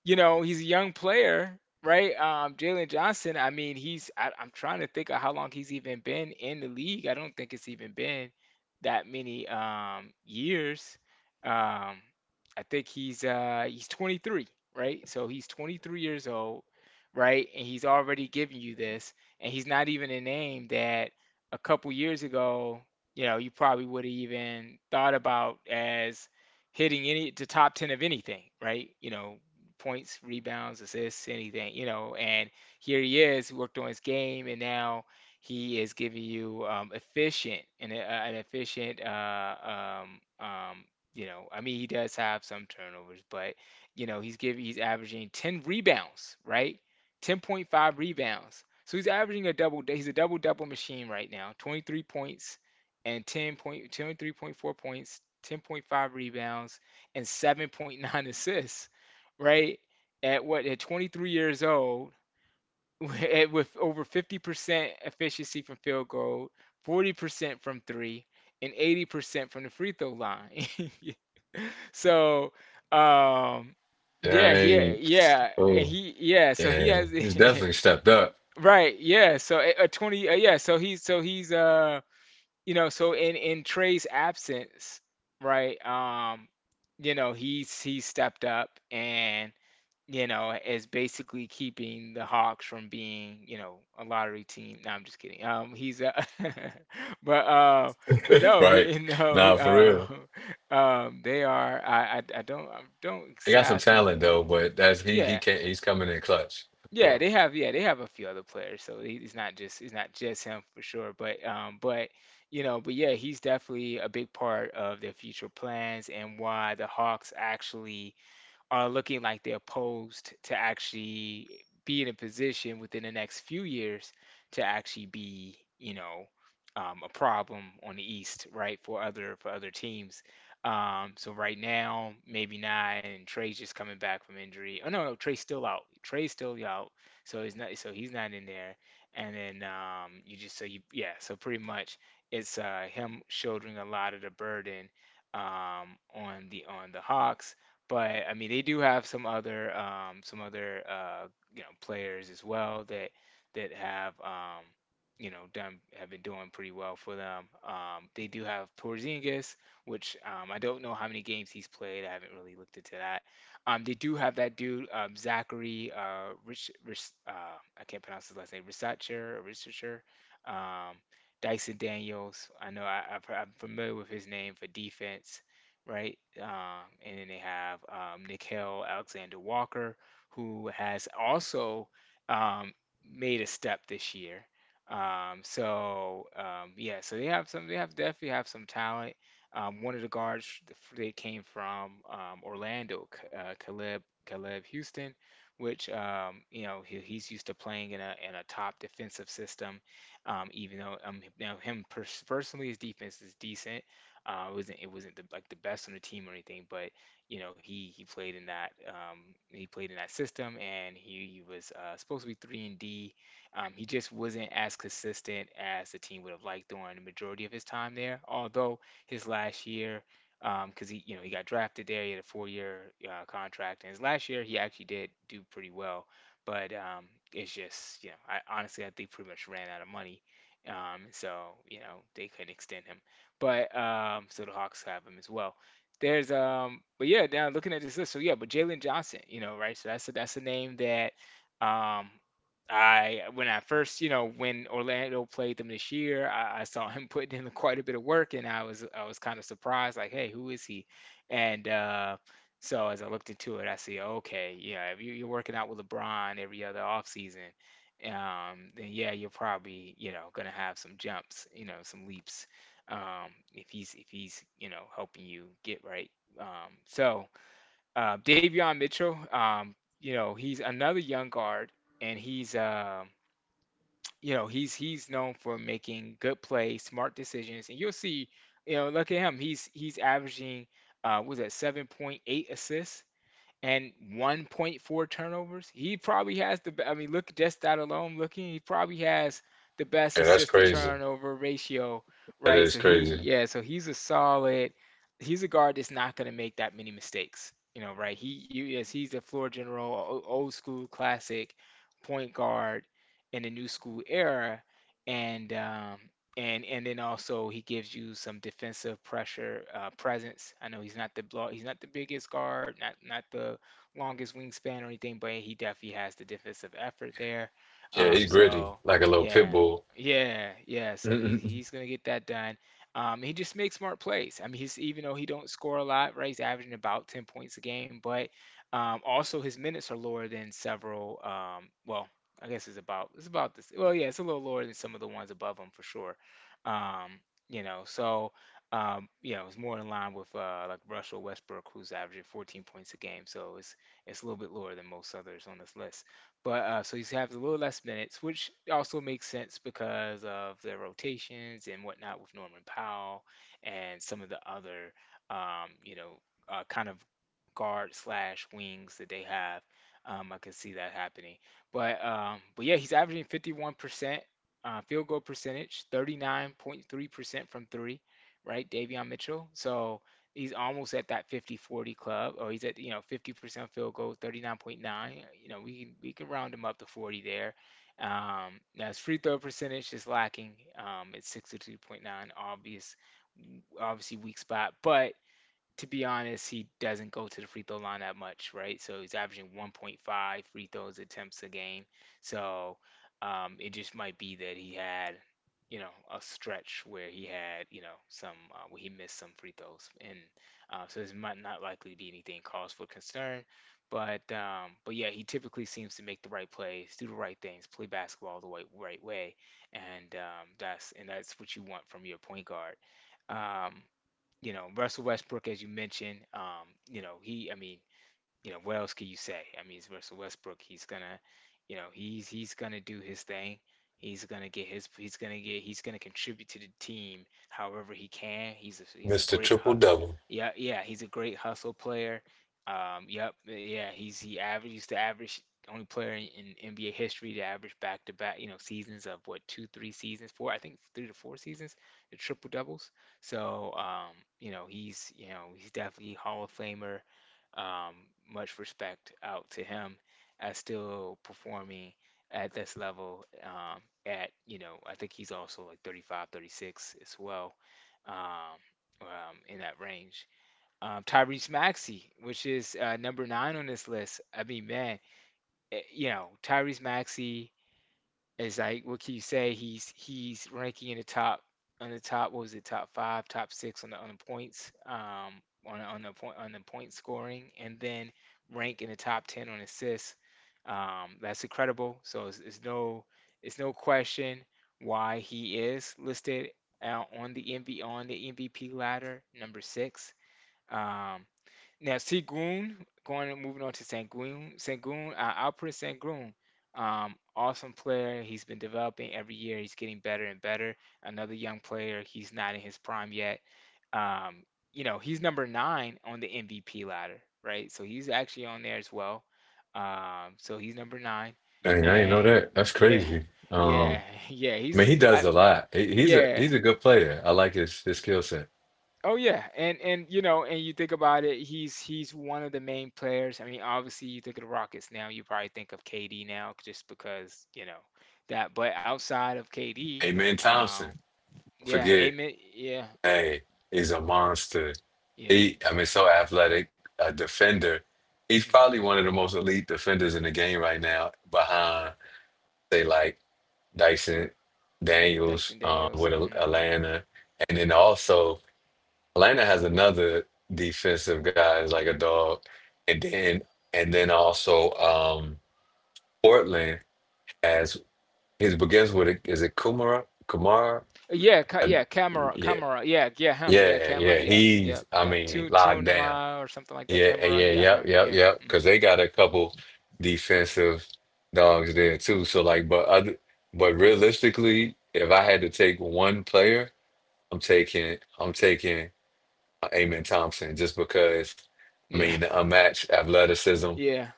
S2: you know, he's a young player, right? Jalen Johnson, I mean, I'm trying to think of how long he's even been in the league. I don't think it's even been that many years. Um, I think he's 23, right? So he's 23 years old, right? And he's already giving you this, and he's not even a name that a couple years ago, you know, you probably would have even thought about as hitting any the top 10 of anything, right? You know, points, rebounds, assists, anything, you know. And here he is, worked on his game, and now he is giving you efficient and an efficient, um, you know. I mean, he does have some turnovers, but you know, he's averaging 10 rebounds, right? 10.5 rebounds. So he's averaging a double. He's a double double machine right now. 23 points and 10 point, 23.4 points, 10.5 rebounds, and 7.9 assists, right? At what, at 23 years old, at, with over 50% efficiency from field goal, 40% from three, and 80% from the free throw line. So, um, yeah, he,
S1: Dang.
S2: yeah, and
S1: Oh,
S2: he, yeah, so he
S1: yeah.
S2: has,
S1: He's definitely stepped up.
S2: right, yeah, so yeah, so he's, you know, so in Trey's absence, right, you know, he's he stepped up and you know, is basically keeping the Hawks from being, you know, a lottery team. No, I'm just kidding. He's but uh, but no,
S1: Right.
S2: he no he
S1: Nah, for real.
S2: they are. I don't
S1: He got some
S2: exactly
S1: talent though,
S2: know.
S1: but that's he
S2: Yeah.
S1: can't he's coming in clutch.
S2: Yeah,
S1: So,
S2: they have a few other players, so it's not just him for sure, but you know, but yeah, he's definitely a big part of their future plans and why the Hawks actually are looking like they're posed to actually be in a position within the next few years to actually be, you know, a problem on the East, right, for other teams. So right now, maybe not, and Trey's just coming back from injury. Oh no, no, Trey's still out. Trey's still out, so he's not in there. And then you just so you yeah, so pretty much it's him shouldering a lot of the burden on the Hawks, but I mean, they do have some other you know, players as well that have you know, done have been doing pretty well for them. They do have Porzingis, which I don't know how many games he's played. I haven't really looked into that. They do have that dude Zachary Rich, Rich I can't pronounce his last name, Risacher or Risacher. Um, Dyson Daniels. I know I've, I'm familiar with his name for defense, right? And then they have Nickel Alexander Walker, who has also um, made a step this year. Yeah, so they have some. They have definitely have some talent. One of the guards they came from Orlando, Caleb Houston, which you know, he's used to playing in a top defensive system. Even though now personally his defense is decent, it wasn't like the best on the team or anything, but you know, he played in that he played in that system, and he was supposed to be three and D. He just wasn't as consistent as the team would have liked during the majority of his time there. Although his last year, because he you know, he got drafted there, he had a 4 year contract, and his last year he actually did do pretty well. But it's just, you know, I honestly I think pretty much ran out of money. Um, so you know, they couldn't extend him. But so the Hawks have him as well. There's but yeah, now looking at this list, so yeah, but Jalen Johnson, you know, right? So that's a, that's a name that um, I, when I first, you know, when Orlando played them this year, I saw him putting in quite a bit of work, and I was kind of surprised, like, hey, who is he? And so as I looked into it, I see, okay, yeah, if you're working out with LeBron every other offseason, then yeah, you're probably, you know, gonna have some jumps, you know, some leaps, if he's you know, helping you get right. Um, so Davion Mitchell, you know, he's another young guard, and he's, you know, he's known for making good plays, smart decisions, and you'll see, you know, look at him, he's averaging, was that 7.8 assists and 1.4 turnovers. He probably has the. I mean, look, just that alone. Looking, he probably has the best
S1: yeah, that's
S2: assist to
S1: crazy.
S2: turnover ratio,
S1: That
S2: right?
S1: is
S2: So
S1: crazy.
S2: yeah, so he's a solid. He's a guard that's not going to make that many mistakes, you know, right? Yes, he's a floor general, old school classic point guard in the new school era, and and then also he gives you some defensive pressure presence. I know he's not the biggest guard, not the longest wingspan or anything, but he definitely has the defensive effort there.
S1: Yeah,
S2: Um,
S1: he's gritty,
S2: so
S1: like a little pit
S2: yeah,
S1: bull.
S2: yeah. So
S1: Mr.
S2: he's gonna get that done. He just makes smart plays. I mean, he's even though he don't score a lot, right? He's averaging about 10 points a game, but also his minutes are lower than several. I guess it's about, this. Well, yeah, it's a little lower than some of the ones above him for sure. Um, you know, so you know, it's more in line with like Russell Westbrook, who's averaging 14 points a game. So it's a little bit lower than most others on this list. But so he's having a little less minutes, which also makes sense because of their rotations and whatnot with Norman Powell and some of the other you know, kind of guard slash wings that they have. I can see that happening. But yeah, he's averaging 51% field goal percentage, 39.3% from three, right? Davion Mitchell. So he's almost at that 50 40 club, or he's at, you know, 50% field goal, 39.9. You know, we can round him up to 40 there. Now his free throw percentage is lacking at 62.9, obvious, obviously weak spot, but to be honest, he doesn't go to the free throw line that much, right? So he's averaging 1.5 free throws attempts a game. So it just might be that he had, you know, a stretch where he had, you know, some where he missed some free throws, and so this might not likely be anything cause for concern. But yeah, he typically seems to make the right plays, do the right things, play basketball the right way, and that's what you want from your point guard. Um, Russell Westbrook, as you mentioned, you know, he, I mean, you know, what else can you say? I mean, it's Russell Westbrook. He's gonna do his thing. He's gonna get his. He's gonna get. He's gonna contribute to the team however he can. He's a great
S1: Triple
S2: hut.
S1: Double.
S2: Yeah, yeah, he's a great hustle player. Yep, yeah, he's he average. He's the average only player in NBA history to average back to back, seasons of what two, 3 seasons, 4, I think 3 to 4 seasons, the triple doubles. So he's definitely Hall of Famer, um, much respect out to him as still performing at this level, at you know I think he's also like 35, 36 as well, um, in that range. Tyrese maxey, which is number nine on this list. I mean, man, tyrese maxey, it's like what can you say? He's ranking in the top, on the top. What was it? Top five, top six on the points, on the point scoring, and then rank in the top ten on assists. That's incredible. So it's no question why he is listed on the MVP ladder, number six. Um, now Segun, going moving on to Sangoon. Sangoon, Alperen Sangoon, awesome player. He's been developing every year. He's getting better and better. Another young player. He's not in his prime yet. Um, he's number nine on the MVP ladder, right? So he's actually on there as well. So he's number nine,
S1: Dang, I ain't know
S2: and
S1: that. That's
S2: yeah,
S1: crazy.
S2: yeah, yeah.
S1: I mean, he does a lot.
S2: Yeah.
S1: He's a good player. I like his skill set.
S2: Oh yeah, and you think about it, he's one of the main players. I mean, obviously you think of the Rockets now, you probably think of KD now just because, you know, that. But outside of KD,
S1: Amen
S2: um,
S1: Thompson.
S2: yeah,
S1: Forget,
S2: Amen, yeah,
S1: hey, he's a monster.
S2: yeah.
S1: He, I mean, so athletic, a defender. He's
S2: Mm hmm.
S1: probably one of the most elite defenders in the game right now, behind say like Dyson
S2: Dyson
S1: Daniels
S2: Daniels.
S1: with
S2: Mm hmm.
S1: Atlanta, and then also Atlanta has another defensive guy is like a dog, and then and then also Portland. It begins with a, is it Kumara? Kumar?
S2: Yeah,
S1: Uh,
S2: yeah, Camera,
S1: yeah,
S2: Camera. Yeah, yeah, him. Yeah,
S1: yeah,
S2: Camera.
S1: yeah.
S2: Yeah, yeah,
S1: He's, I
S2: yeah.
S1: mean,
S2: Two in
S1: locked
S2: the
S1: down.
S2: mile or something like that.
S1: Yeah,
S2: Camera.
S1: yeah,
S2: Yeah,
S1: yep,
S2: him.
S1: yep,
S2: Yeah.
S1: yep.
S2: Mm hmm.
S1: Because they got a couple defensive dogs there too. So like, but realistically, if I had to take one player, I'm taking Amen Thompson just because. I
S2: Yeah.
S1: mean, the unmatched athleticism.
S2: Yeah.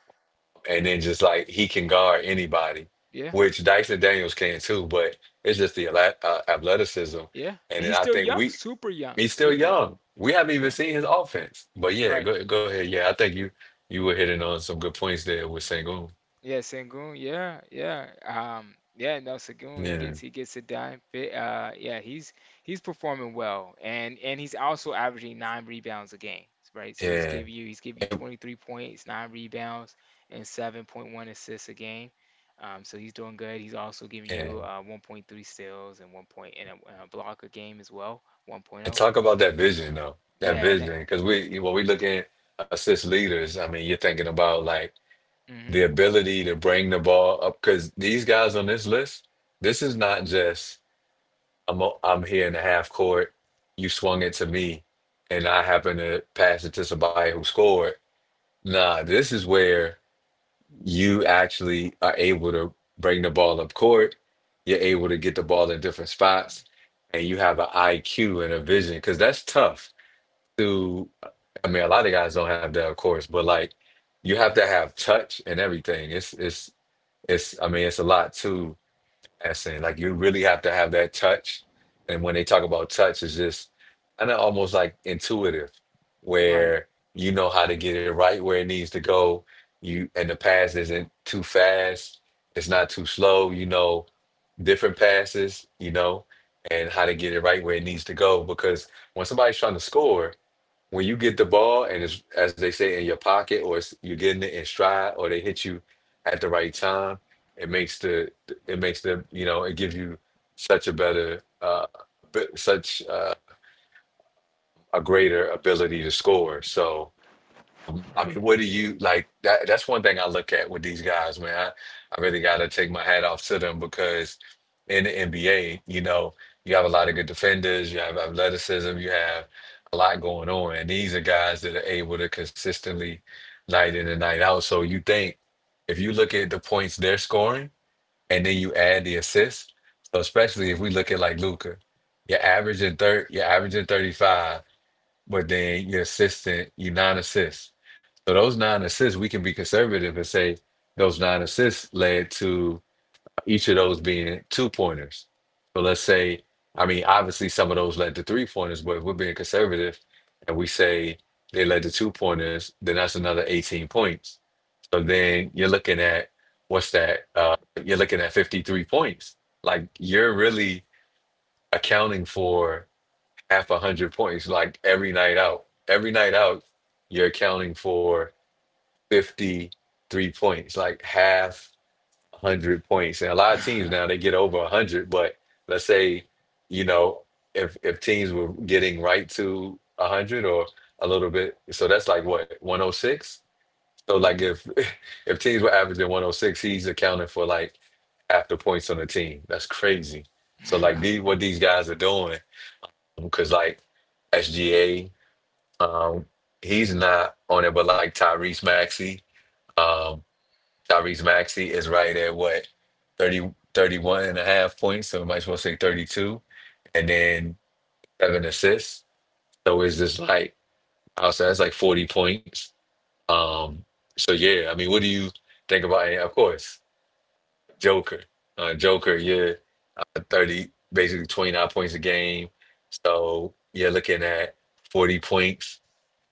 S1: And then just like he can guard anybody,
S2: Yeah.
S1: which Dyson Daniels can too. But it's just the athleticism,
S2: Yeah. And
S1: and then
S2: he's
S1: I
S2: still
S1: think
S2: young,
S1: we
S2: super young,
S1: he's still
S2: super young.
S1: young. We haven't even
S2: Yeah.
S1: seen his offense. But yeah,
S2: Right.
S1: go go ahead. Yeah, I think you were hitting on some good points there with Sengun.
S2: Yeah, Sengun. Yeah, yeah. Yeah, no, Sengun. He
S1: Yeah,
S2: gets a dime. Yeah, he's performing well, and he's also averaging 9 rebounds a game, right? So he's
S1: yeah,
S2: giving you he's giving you
S1: and,
S2: 23 points, 9 rebounds, and 7.1 assists a game. So he's doing good. He's also giving you
S1: and
S2: 1.3 steals and 1 point and a block a game as well,
S1: and
S2: 1.0.
S1: talk about that vision though. That
S2: Yeah, and that,
S1: vision, because we, when we look at assist leaders, I mean, you're thinking about like the
S2: mm-hmm.
S1: ability to bring the ball up. Because these guys on this list, this is not just, I'm I'm here in the half court. You swung it to me, and I happen to pass it to somebody who scored. Nah, this is where you actually are able to bring the ball up court. You're able to get the ball in different spots, and you have an IQ and a vision, because that's tough. To, I mean, a lot of guys don't have that, of course, but like you have to have touch and everything. It's it's. I mean, it's a lot too, passing. Like you really have to have that touch. And when they talk about touch, it's just kind of almost like intuitive,
S2: Right,
S1: where you know how to get it right where it needs to go. You and the pass isn't too fast. It's not too slow. You know, different passes. You know and how to get it right where it needs to go. Because when somebody's trying to score, when you get the ball and it's, as they say, in your pocket, or it's, you're getting it in stride, or they hit you at the right time, it it makes the, you know, it gives you such a better, b- such a greater ability to score. So, okay,
S2: right.
S1: what do you like? That that's one thing I look at with these guys, man. I really got to take my hat off to them because in the NBA, you know, you have a lot of good defenders, you have athleticism, you have a lot going on, and these are guys that are able to consistently, night in and night out. So you think, if you look at the points they're scoring, and then you add the assists, so especially if we look at like Luca, you're averaging 35, but then your assistant, you nine assists. So those nine assists, we can be conservative and say those nine assists led to each of those being two pointers. So let's say, I mean, obviously some of those led to three pointers, but if we're being conservative and we say they led to two pointers, then that's another 18 points. So then you're looking at what's that? You're looking at 53 points. Like you're really accounting for half a hundred points, like every night out. Every night out, you're accounting for 53 points, like half a hundred points. And a lot of teams now they get over a hundred, but let's say, you know, if teams were getting right to a hundred or a little bit, so that's like what, 106? So like
S2: Mm-hmm.
S1: if if teams were averaging 106, he's accounting for like half the points on the team. That's crazy. So like these,
S2: Right.
S1: what these guys are doing, because like SGA. Um, he's not on it, but like Tyrese Maxey, um, Tyrese Maxey is right at what, 30 31 and a half points, so we might as well say 32, and then seven assists. So it's just like, I'll say that's like 40 points. Um, so yeah, I mean, what do you think about it? Of course, Joker. Uh, Joker, yeah, 30, basically 29 points a game. So you're looking at 40 points.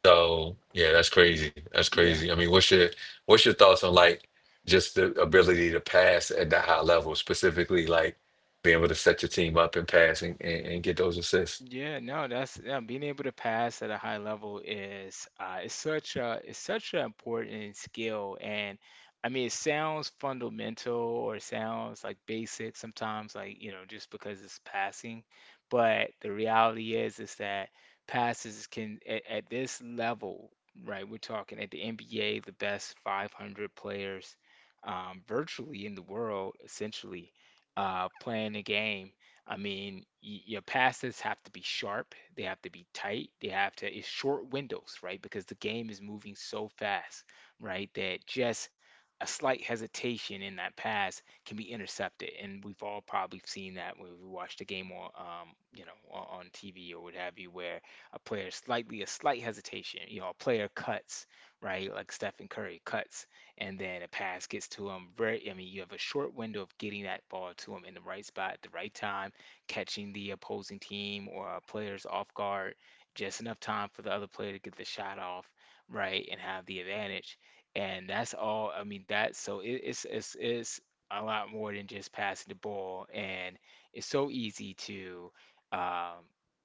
S1: So yeah, that's crazy. That's
S2: Yeah.
S1: crazy. I mean, what's your thoughts on like just the ability to pass at that high level, specifically like being able to set your team up and pass and get those assists?
S2: Yeah, no, that's yeah, being able to pass at a high level is such a is such an important skill, and I mean it sounds fundamental or it sounds like basic sometimes, like you know just because it's passing, but the reality is that passes can at this level, right? We're talking at the NBA, the best 500 players, virtually in the world, essentially playing a game. I mean, your passes have to be sharp, they have to be tight, it's short windows, right? Because the game is moving so fast, right? That just a slight hesitation in that pass can be intercepted. And we've all probably seen that when we watched a game on TV or what have you, where a slight hesitation, you know, a player cuts, right? Like Stephen Curry cuts, and then a pass gets to him. Very, I mean, you have a short window of getting that ball to him in the right spot at the right time, catching the opposing team or players off guard, just enough time for the other player to get the shot off, right, and have the advantage. And that's all. I mean, that's so it's it's a lot more than just passing the ball, and it's so easy to um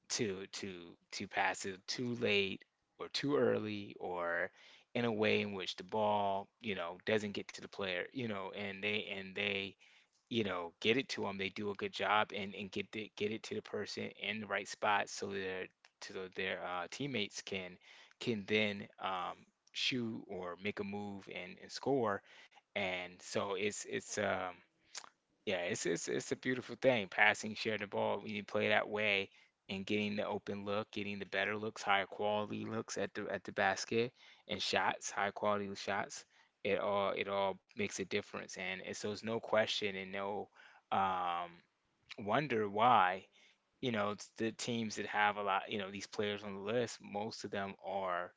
S2: to to to pass it too late or too early or in a way in which the ball, you know, doesn't get to the player, you know, and they, you know, get it to them. They do a good job and get get it to the person in the right spot so their teammates can then shoot or make a move and score. And so it's yeah, it's it's a beautiful thing. Passing, sharing the ball when you play that way and getting the open look, getting the better looks, higher quality looks at the basket and shots, high quality shots. It all makes a difference, and it's, so it's no question and no, um, wonder why, you know, it's the teams that have a lot, you know, these players on the list. Most of them are,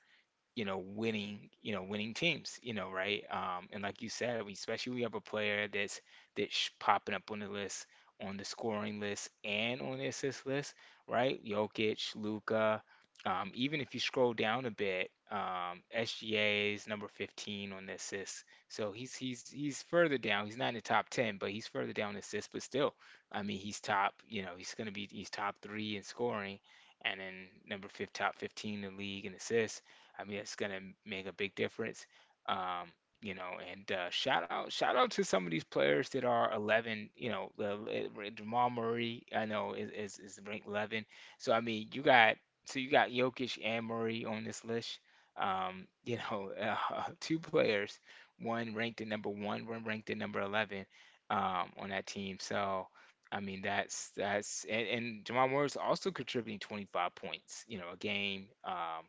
S2: you know, winning teams, you know, right? And like you said, we, especially we have a player that's popping up on the list, on the scoring list, and on the assist list, right? Jokic, Luka. Even if you scroll down a bit, SGA is number 15 on the assists, so he's he's further down. He's not in the top 10, but he's further down in assists. But still, I mean, he's top. You know, he's gonna be he's top three in scoring, and then number fifth, top 15 in the league in assists. I mean, it's gonna make a big difference. Um, you know, and shout out to some of these players that are 11. You know, Jamal Murray, I know is ranked 11. So I mean, you got Jokic and Murray on this list. You know, two players, one ranked at number one, one ranked at number 11, on that team. So. I mean, and Jamal Murray's also contributing 25 points, you know, a game. Um,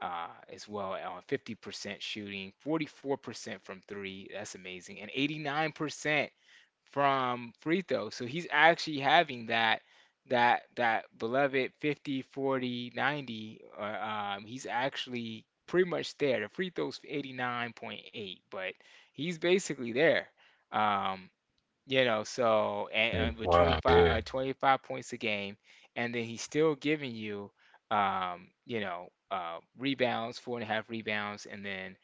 S2: uh, As well, on 50% shooting, 44% from three. That's amazing. And 89% from free throw. So he's actually having that beloved 50 40 90. 40, he's actually pretty much there. The free throw's 89.8, but he's basically there. Um, you know, so
S1: Mm,
S2: and with
S1: wow, yeah.
S2: 25 points a game, and then he's still giving you, you know, rebounds, four and a half rebounds, and then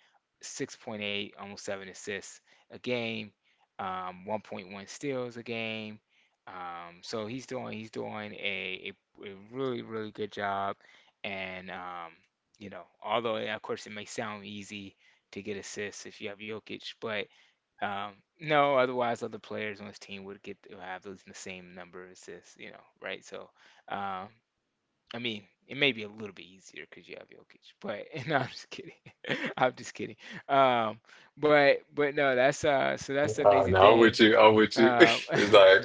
S2: 6.8, almost seven assists a game, 1.1 steals a game. So he's doing a really really good job, and you know, although of course it may sound easy to get assists if you have Jokic, but um, no, otherwise other players on his team would get to have those the same number of assists, you know, right? So, um, I mean, it may be a little bit easier because you have Jokic, but no, I'm just kidding. I'm just kidding. Um, but no, that's so that's the amazing
S1: No, I'm with
S2: thing.
S1: you. I'm with you.
S2: Um,
S1: It's like,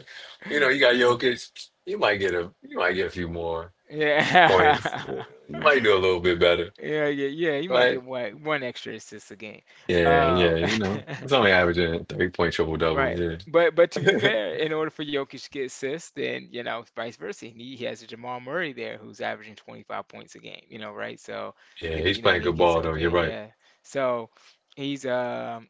S1: you know, you got
S2: um,
S1: Jokic, you might get a, you might get a few more
S2: yeah.
S1: points. Yeah, you might do a little bit better,
S2: Yeah, yeah, yeah. You might
S1: right?
S2: get one extra assist a game.
S1: Yeah, yeah,
S2: Um,
S1: you know. It's only averaging three point triple double,
S2: Right.
S1: yeah.
S2: But to be fair, in order for Jokic to get assists, then you know, vice versa, he has a Jamal Murray there who's averaging 25 points a game, you know, right? So
S1: Yeah,
S2: you get,
S1: he's
S2: you know,
S1: playing
S2: he
S1: good
S2: gets
S1: ball though. You're
S2: open,
S1: right.
S2: yeah. So he's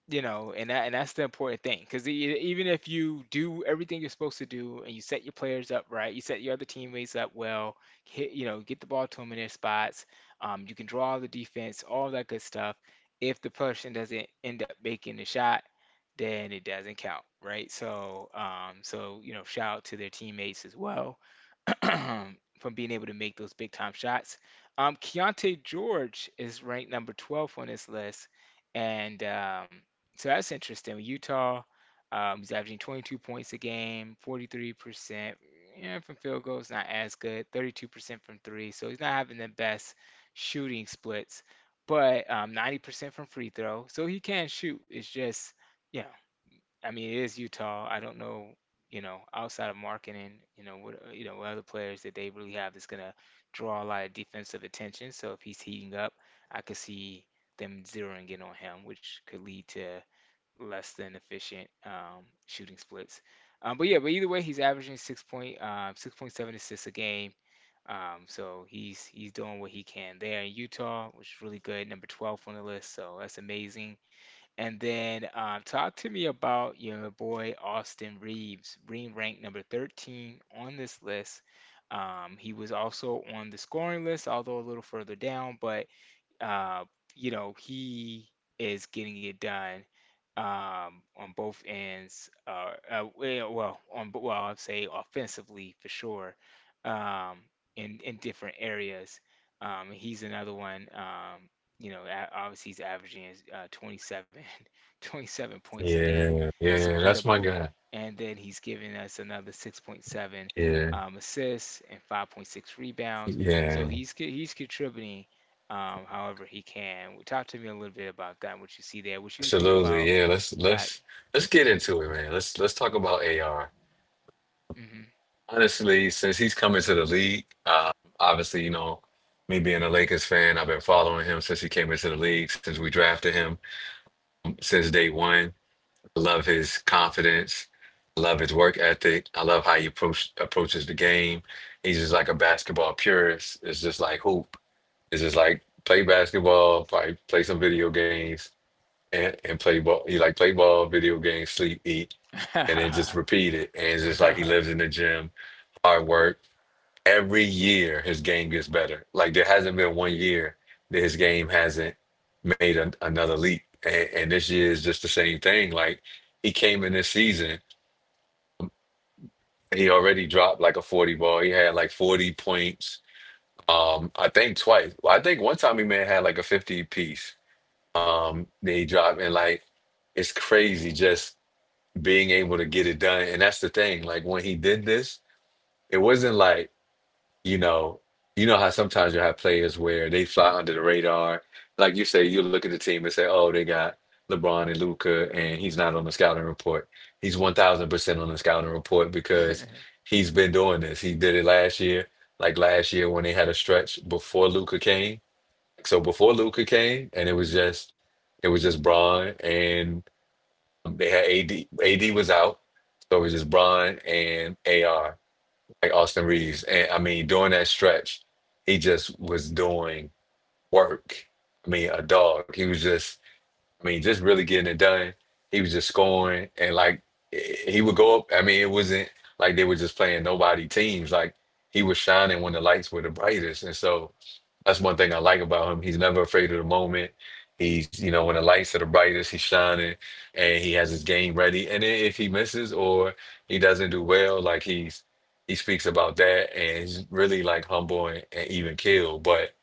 S2: you know, and that's the important thing because even if you do everything you're supposed to do and you set your players up right, you set your other teammates up well, hit, you know, get the ball to them in their spots, you can draw the defense, all that good stuff. If the person doesn't end up making the shot, then it doesn't count, right? So, so you know, shout out to their teammates as well from being able to make those big time shots. Keontae George is ranked number 12 on this list, and so that's interesting. Utah, he's averaging 22 points a game, 43%. Yeah, from field goals, not as good. 32% from three, so he's not having the best shooting splits, but 90% from free throw, so he can shoot. It's just you know, I mean, it is Utah. I don't know, you know, outside of marketing, you know, what, you know, what other players that they really have that's gonna draw a lot of defensive attention. So if he's heating up, I could see them zeroing in on him, which could lead to less than efficient shooting splits. But yeah, but either way, he's averaging 6.7 assists a game. So he's doing what he can there in Utah, which is really good, number 12 on the list. So that's amazing. And then talk to me about your boy Austin Reeves, being ranked number 13 on this list. He was also on the scoring list, although a little further down, but uh, he is getting it done on both ends. Well, I'd say offensively for sure, um, in different areas. He's another one. Obviously he's averaging uh, 27, 27 points a game.
S1: Yeah,
S2: That's
S1: yeah, that's my
S2: incredible.
S1: guy.
S2: And then he's giving us another 6.7
S1: Yeah,
S2: assists and 5.6 rebounds. So
S1: yeah,
S2: he's contributing however he can. Talk to me a little bit about that, what you see there, what you think about
S1: absolutely. Yeah, let's
S2: that.
S1: let's let's get into it, man. Let's talk about AR.
S2: Hmm,
S1: Honestly, since he's coming to the league, obviously, you know, me being a Lakers fan, I've been following him since he came into the league, since we drafted him, since day one. I love his confidence. I love his work ethic. I love how he approaches the game. He's just like a basketball purist. It's just like hoop. It's just like play basketball, probably play some video games, and play ball. He like play ball, video games, sleep, eat, and then just
S2: hmm.
S1: repeat it. And it's just like he lives in the gym, hard work. Every year his game gets better. Like there hasn't been one year that his game hasn't made an another leap. And this year is just the same thing. Like he came in this season, he already dropped like a 40 ball. He had like 40 points. I think twice. Well, I think one time he may have had like a 50 piece they drop, and like it's crazy just being able to get it done. And that's the thing, like when he did this, it wasn't like, you know, you know how sometimes you have players where they fly under the radar, like you say you look at the team and say, oh, they got LeBron and Luca, and he's not on the scouting report. He's 1000% on the scouting report, because he's been doing this. He did it last year. Like last year when they had a stretch before Luca came, so before Luca came, and it was just Braun, and they had AD. AD was out, so it was just Braun and AR, like Austin Reeves. And I mean, during that stretch, he just was doing work. I mean, a dog. He was just, I mean, just really getting it done. He was just scoring, and like he would go up. I mean, it wasn't like they were just playing nobody teams. Like he was shining when the lights were the brightest, and so. That's one thing I like about him. He's never afraid of the moment. He's, you know, when the lights are the brightest, he's shining and he has his game ready. And then if he misses or he doesn't do well, like he speaks about that, and he's really like humble and even keel. But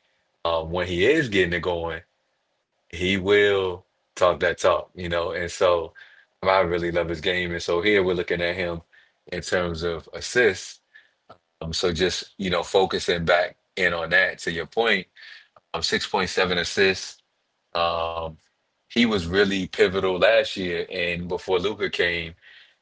S1: um, when he is getting it going, he will talk that talk, you know. And so I really love his game. And so here we're looking at him in terms of assists. So just, focusing back in on that to your point 6.7 assists. Um, he was really pivotal last year and before Luca came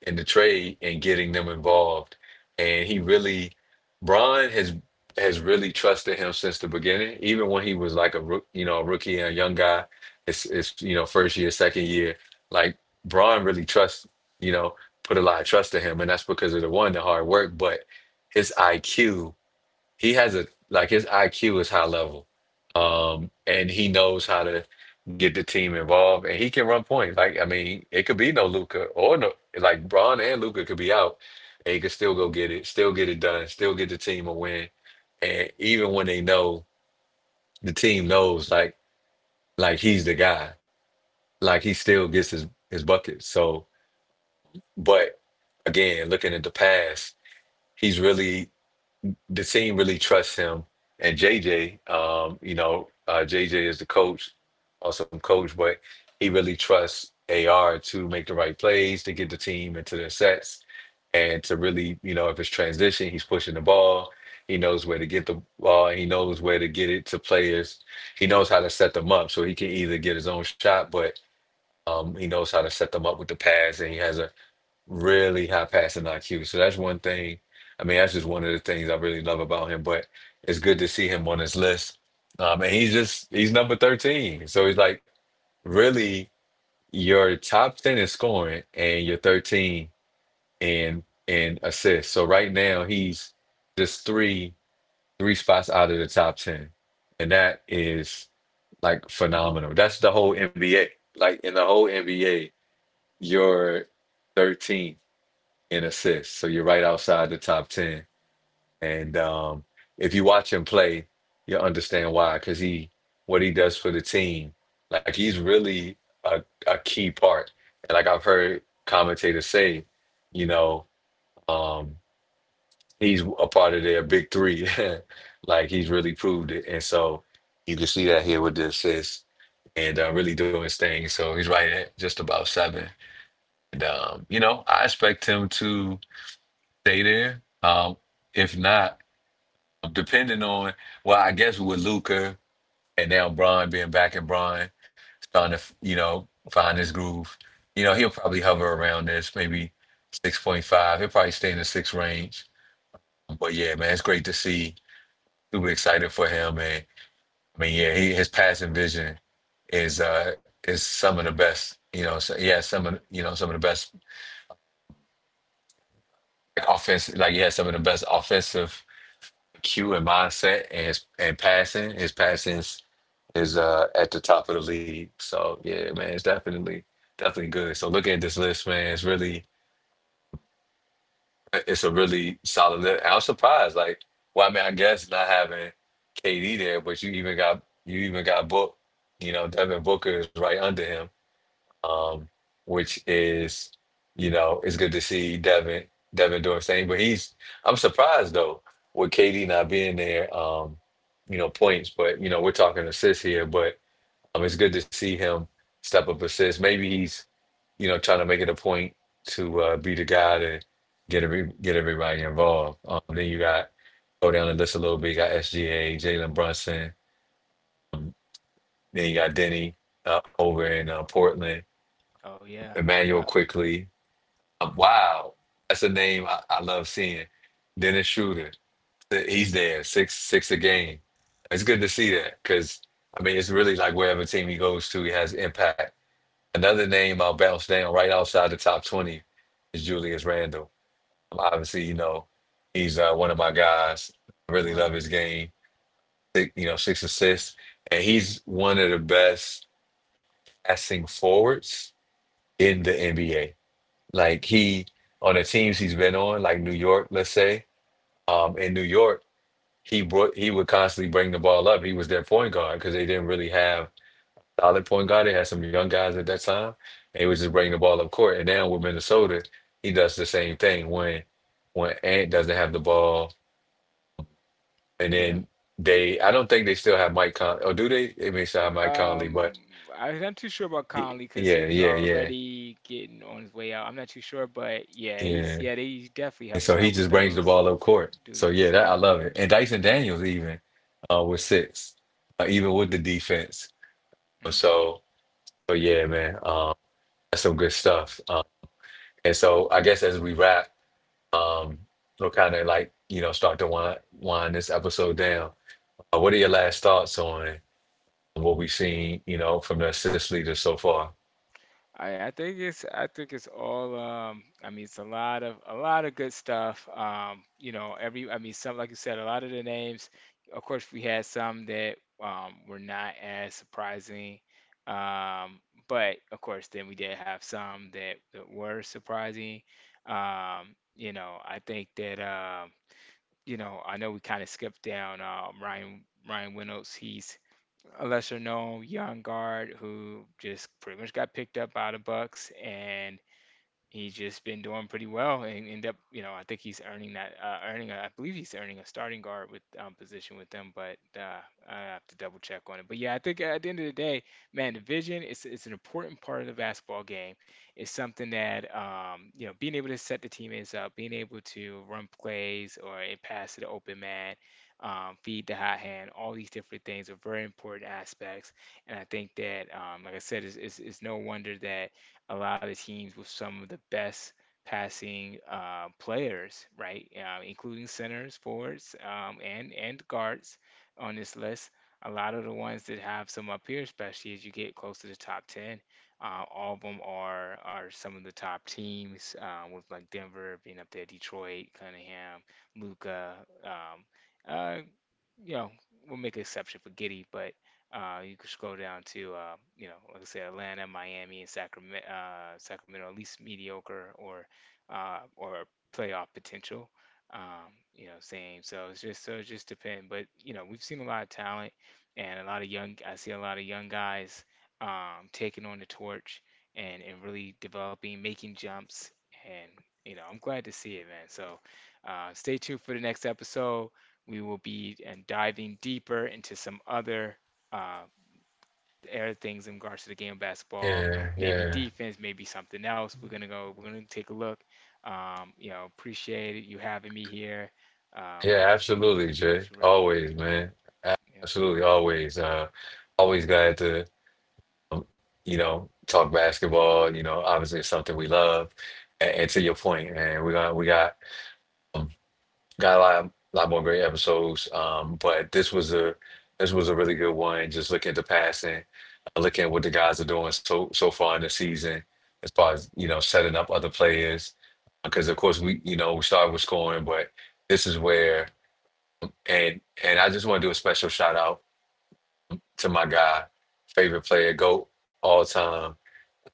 S1: in the trade and getting them involved. And Bron has really trusted him since the beginning, even when he was like a rook, you know, a rookie and a young guy. It's you know first year, second year. Like Bron really trusts, you know, put a lot of trust in him, and that's because of the one, the hard work, but his IQ he has a his IQ is high level, and he knows how to get the team involved, and he can run point. Like I mean, it could be no Luca or no like Braun and Luca could be out, and he could still go get it, still get it done, still get the team a win, and even when the team knows like he's the guy, like he still gets his buckets. So, but again, looking at the past, he's really. The team really trusts him. And JJ, JJ is the coach, awesome coach, but he really trusts AR to make the right plays, to get the team into their sets, and to really, you know, if it's transition, he's pushing the ball. He knows where to get the ball. He knows where to get it to players. He knows how to set them up, so he can either get his own shot, but he knows how to set them up with the pass, and he has a really high passing IQ. So that's one thing. I mean, that's just one of the things I really love about him. But it's good to see him on this list. And he's just he's number 13. So he's like really your top 10 in scoring and your 13 in assists. So right now he's just three spots out of the top 10. And that is like phenomenal. That's the whole NBA. Like in the whole NBA, you're 13th in assists. So you're right outside the top 10. And if you watch him play, you'll understand why. What he does for the team, like he's really a key part. And like I've heard commentators say, you know, um, he's a part of their big three. Like he's really proved it. And so you can see that here with the assists and really doing his thing. So he's right at just about seven. And, you know, I expect him to stay there. If not, depending on I guess with Luca and now Bron being back and Bron starting to you know find his groove, you know he'll probably hover around this maybe 6.5. He'll probably stay in the six range. But yeah, man, it's great to see. Super excited for him, and I mean, yeah, his passing vision is uh is some of the best. You know, so he has some of you know some of the best offense. Like he has some of the best offensive Q and mindset and passing. His passing is at the top of the league. So yeah, man, it's definitely good. So looking at this list, man, it's a really solid list. I'm surprised, like, well, I mean, I guess not having KD there, but you even got Book. You know, Devin Booker is right under him um, which is, you know, it's good to see Devin doing his thing. But he's I'm surprised though with KD not being there, you know, points. But you know, we're talking assists here. But it's good to see him step up assists. Maybe he's you know trying to make it a point to be the guy to get everybody involved. Then you got go down the list a little bit. You got SGA, Jalen Brunson. Um, Then you got Denny over in Portland.
S2: Oh, yeah,
S1: Emmanuel
S2: yeah,
S1: quickly. Wow, that's a name I love seeing. Dennis Schroeder, he's there six six a game. It's good to see that because I mean it's really like wherever team he goes to, he has impact. Another name I'll bounce down right outside the top 20 is Julius Randle. Obviously, you know he's one of my guys. I really love
S2: right,
S1: his game. Six, you know, six assists, and he's one of the best passing forwards in the NBA. Like he on the teams he's been on, like New York, let's say, in New York, he would constantly bring the ball up. He was their point guard because they didn't really have solid point guard. They had some young guys at that time, and he was just bringing the ball up court. And now with Minnesota, he does the same thing when Ant doesn't have the ball, and
S2: yeah.
S1: then they I don't think they still have Mike Con or do they? They may still have Mike Conley,
S2: Um,
S1: but
S2: I'm not too sure about Conley because
S1: yeah,
S2: he was
S1: yeah, yeah,
S2: already getting on his way out. I'm not too sure, but yeah, he's
S1: yeah.
S2: yeah, they he definitely
S1: And so
S2: helps
S1: he
S2: out with
S1: just brings the
S2: those
S1: ball up court. So yeah,
S2: duties.
S1: that
S2: Yeah.
S1: I love it. And Dyson Daniels even with six, even with the defense.
S2: Hmm.
S1: So so yeah, man, that's some good stuff. And so I guess as we wrap, um, we'll kind of like you know start to wind this episode down. What are your last thoughts on what we've seen? You know, from the assist leaders so far.
S2: I think it's all I mean it's a lot of good stuff. Every I mean some, like you said, a lot of the names, of course we had some that were not as surprising. Um, but of course then we did have some that were surprising. I think that I know we kind of skipped down Ryan Reynolds. He's a lesser known young guard who just pretty much got picked up by the Bucks, and he's just been doing pretty well and end up, I think he's earning that, earning, a, I believe he's earning a starting guard with position with them, but I have to double check on it. But yeah, I think at the end of the day, man, the vision is it's an important part of the basketball game. It's something that, being able to set the teammates up, being able to run plays or a pass to the open man. Feed the hot hand, all these different things are very important aspects. And I think that, like I said, it's no wonder that a lot of teams with some of the best passing players, right? Including centers, forwards, and guards on this list. A lot of the ones that have some up here, especially as you get close to the top 10, all of them are some of the top teams, with like Denver being up there, Detroit, Cunningham, Luca, um, uh, you know, we'll make an exception for Giddy, but you could scroll down to, like I said, Atlanta, Miami, and Sacramento, Sacramento at least mediocre or playoff potential. Same. So it just depends. But we've seen a lot of talent and a lot of young. I see a lot of young guys taking on the torch and really developing, making jumps, and I'm glad to see it, man. So stay tuned for the next episode, we will be and diving deeper into some other uh, air things in regards to the game of basketball,
S1: Yeah,
S2: maybe
S1: yeah,
S2: defense, maybe something else. We're gonna go. We're gonna take a look. Appreciate it, you having me here. Um, I'll
S1: yeah.
S2: let you
S1: Absolutely,
S2: I'll
S1: Jay.
S2: let you wrap up.
S1: Always,
S2: Yeah,
S1: man.
S2: yeah,
S1: Absolutely, always. Always glad to you know, talk basketball. You know, obviously it's something we love. And to your point, man, we um, got a lot more great episodes. But this was a really good one. Just looking at the passing, looking at what the guys are doing so far in the season, as far as you know, setting up other players. Because of course we you know we started with scoring, but this is where and I just want to do a special shout out to my guy, favorite player, GOAT all time,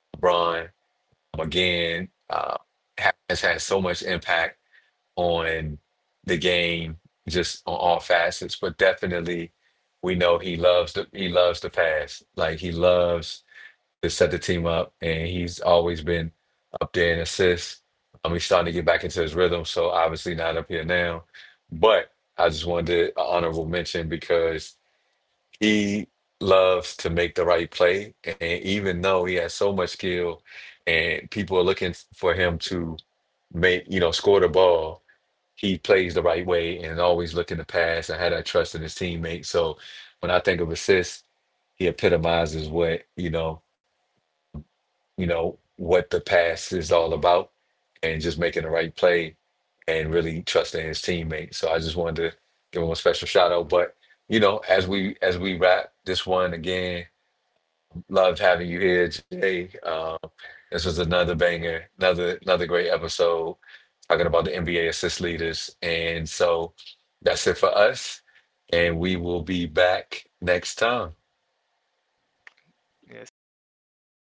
S1: LeBron. Again has had so much impact on the game, just on all facets. But definitely, we know he loves the pass. Like he loves to set the team up, and he's always been up there in assists. He's starting to get back into his rhythm, so obviously not up here now. But I just wanted to- an honorable mention because he loves to make the right play, and even though he has so much skill and people are looking for him to make, you know, score the ball, he plays the right way and always looking to pass and had that trust in his teammates. So when I think of assists, he epitomizes you know, what the pass is all about and just making the right play and really trusting his teammates. So I just wanted to give him a special shout out. But you know, as we wrap this one again, loved having you here, Jay. This was another banger, another great episode talking about the NBA assist leaders. And so that's it for us. And we will be back next time.
S2: yes, sir.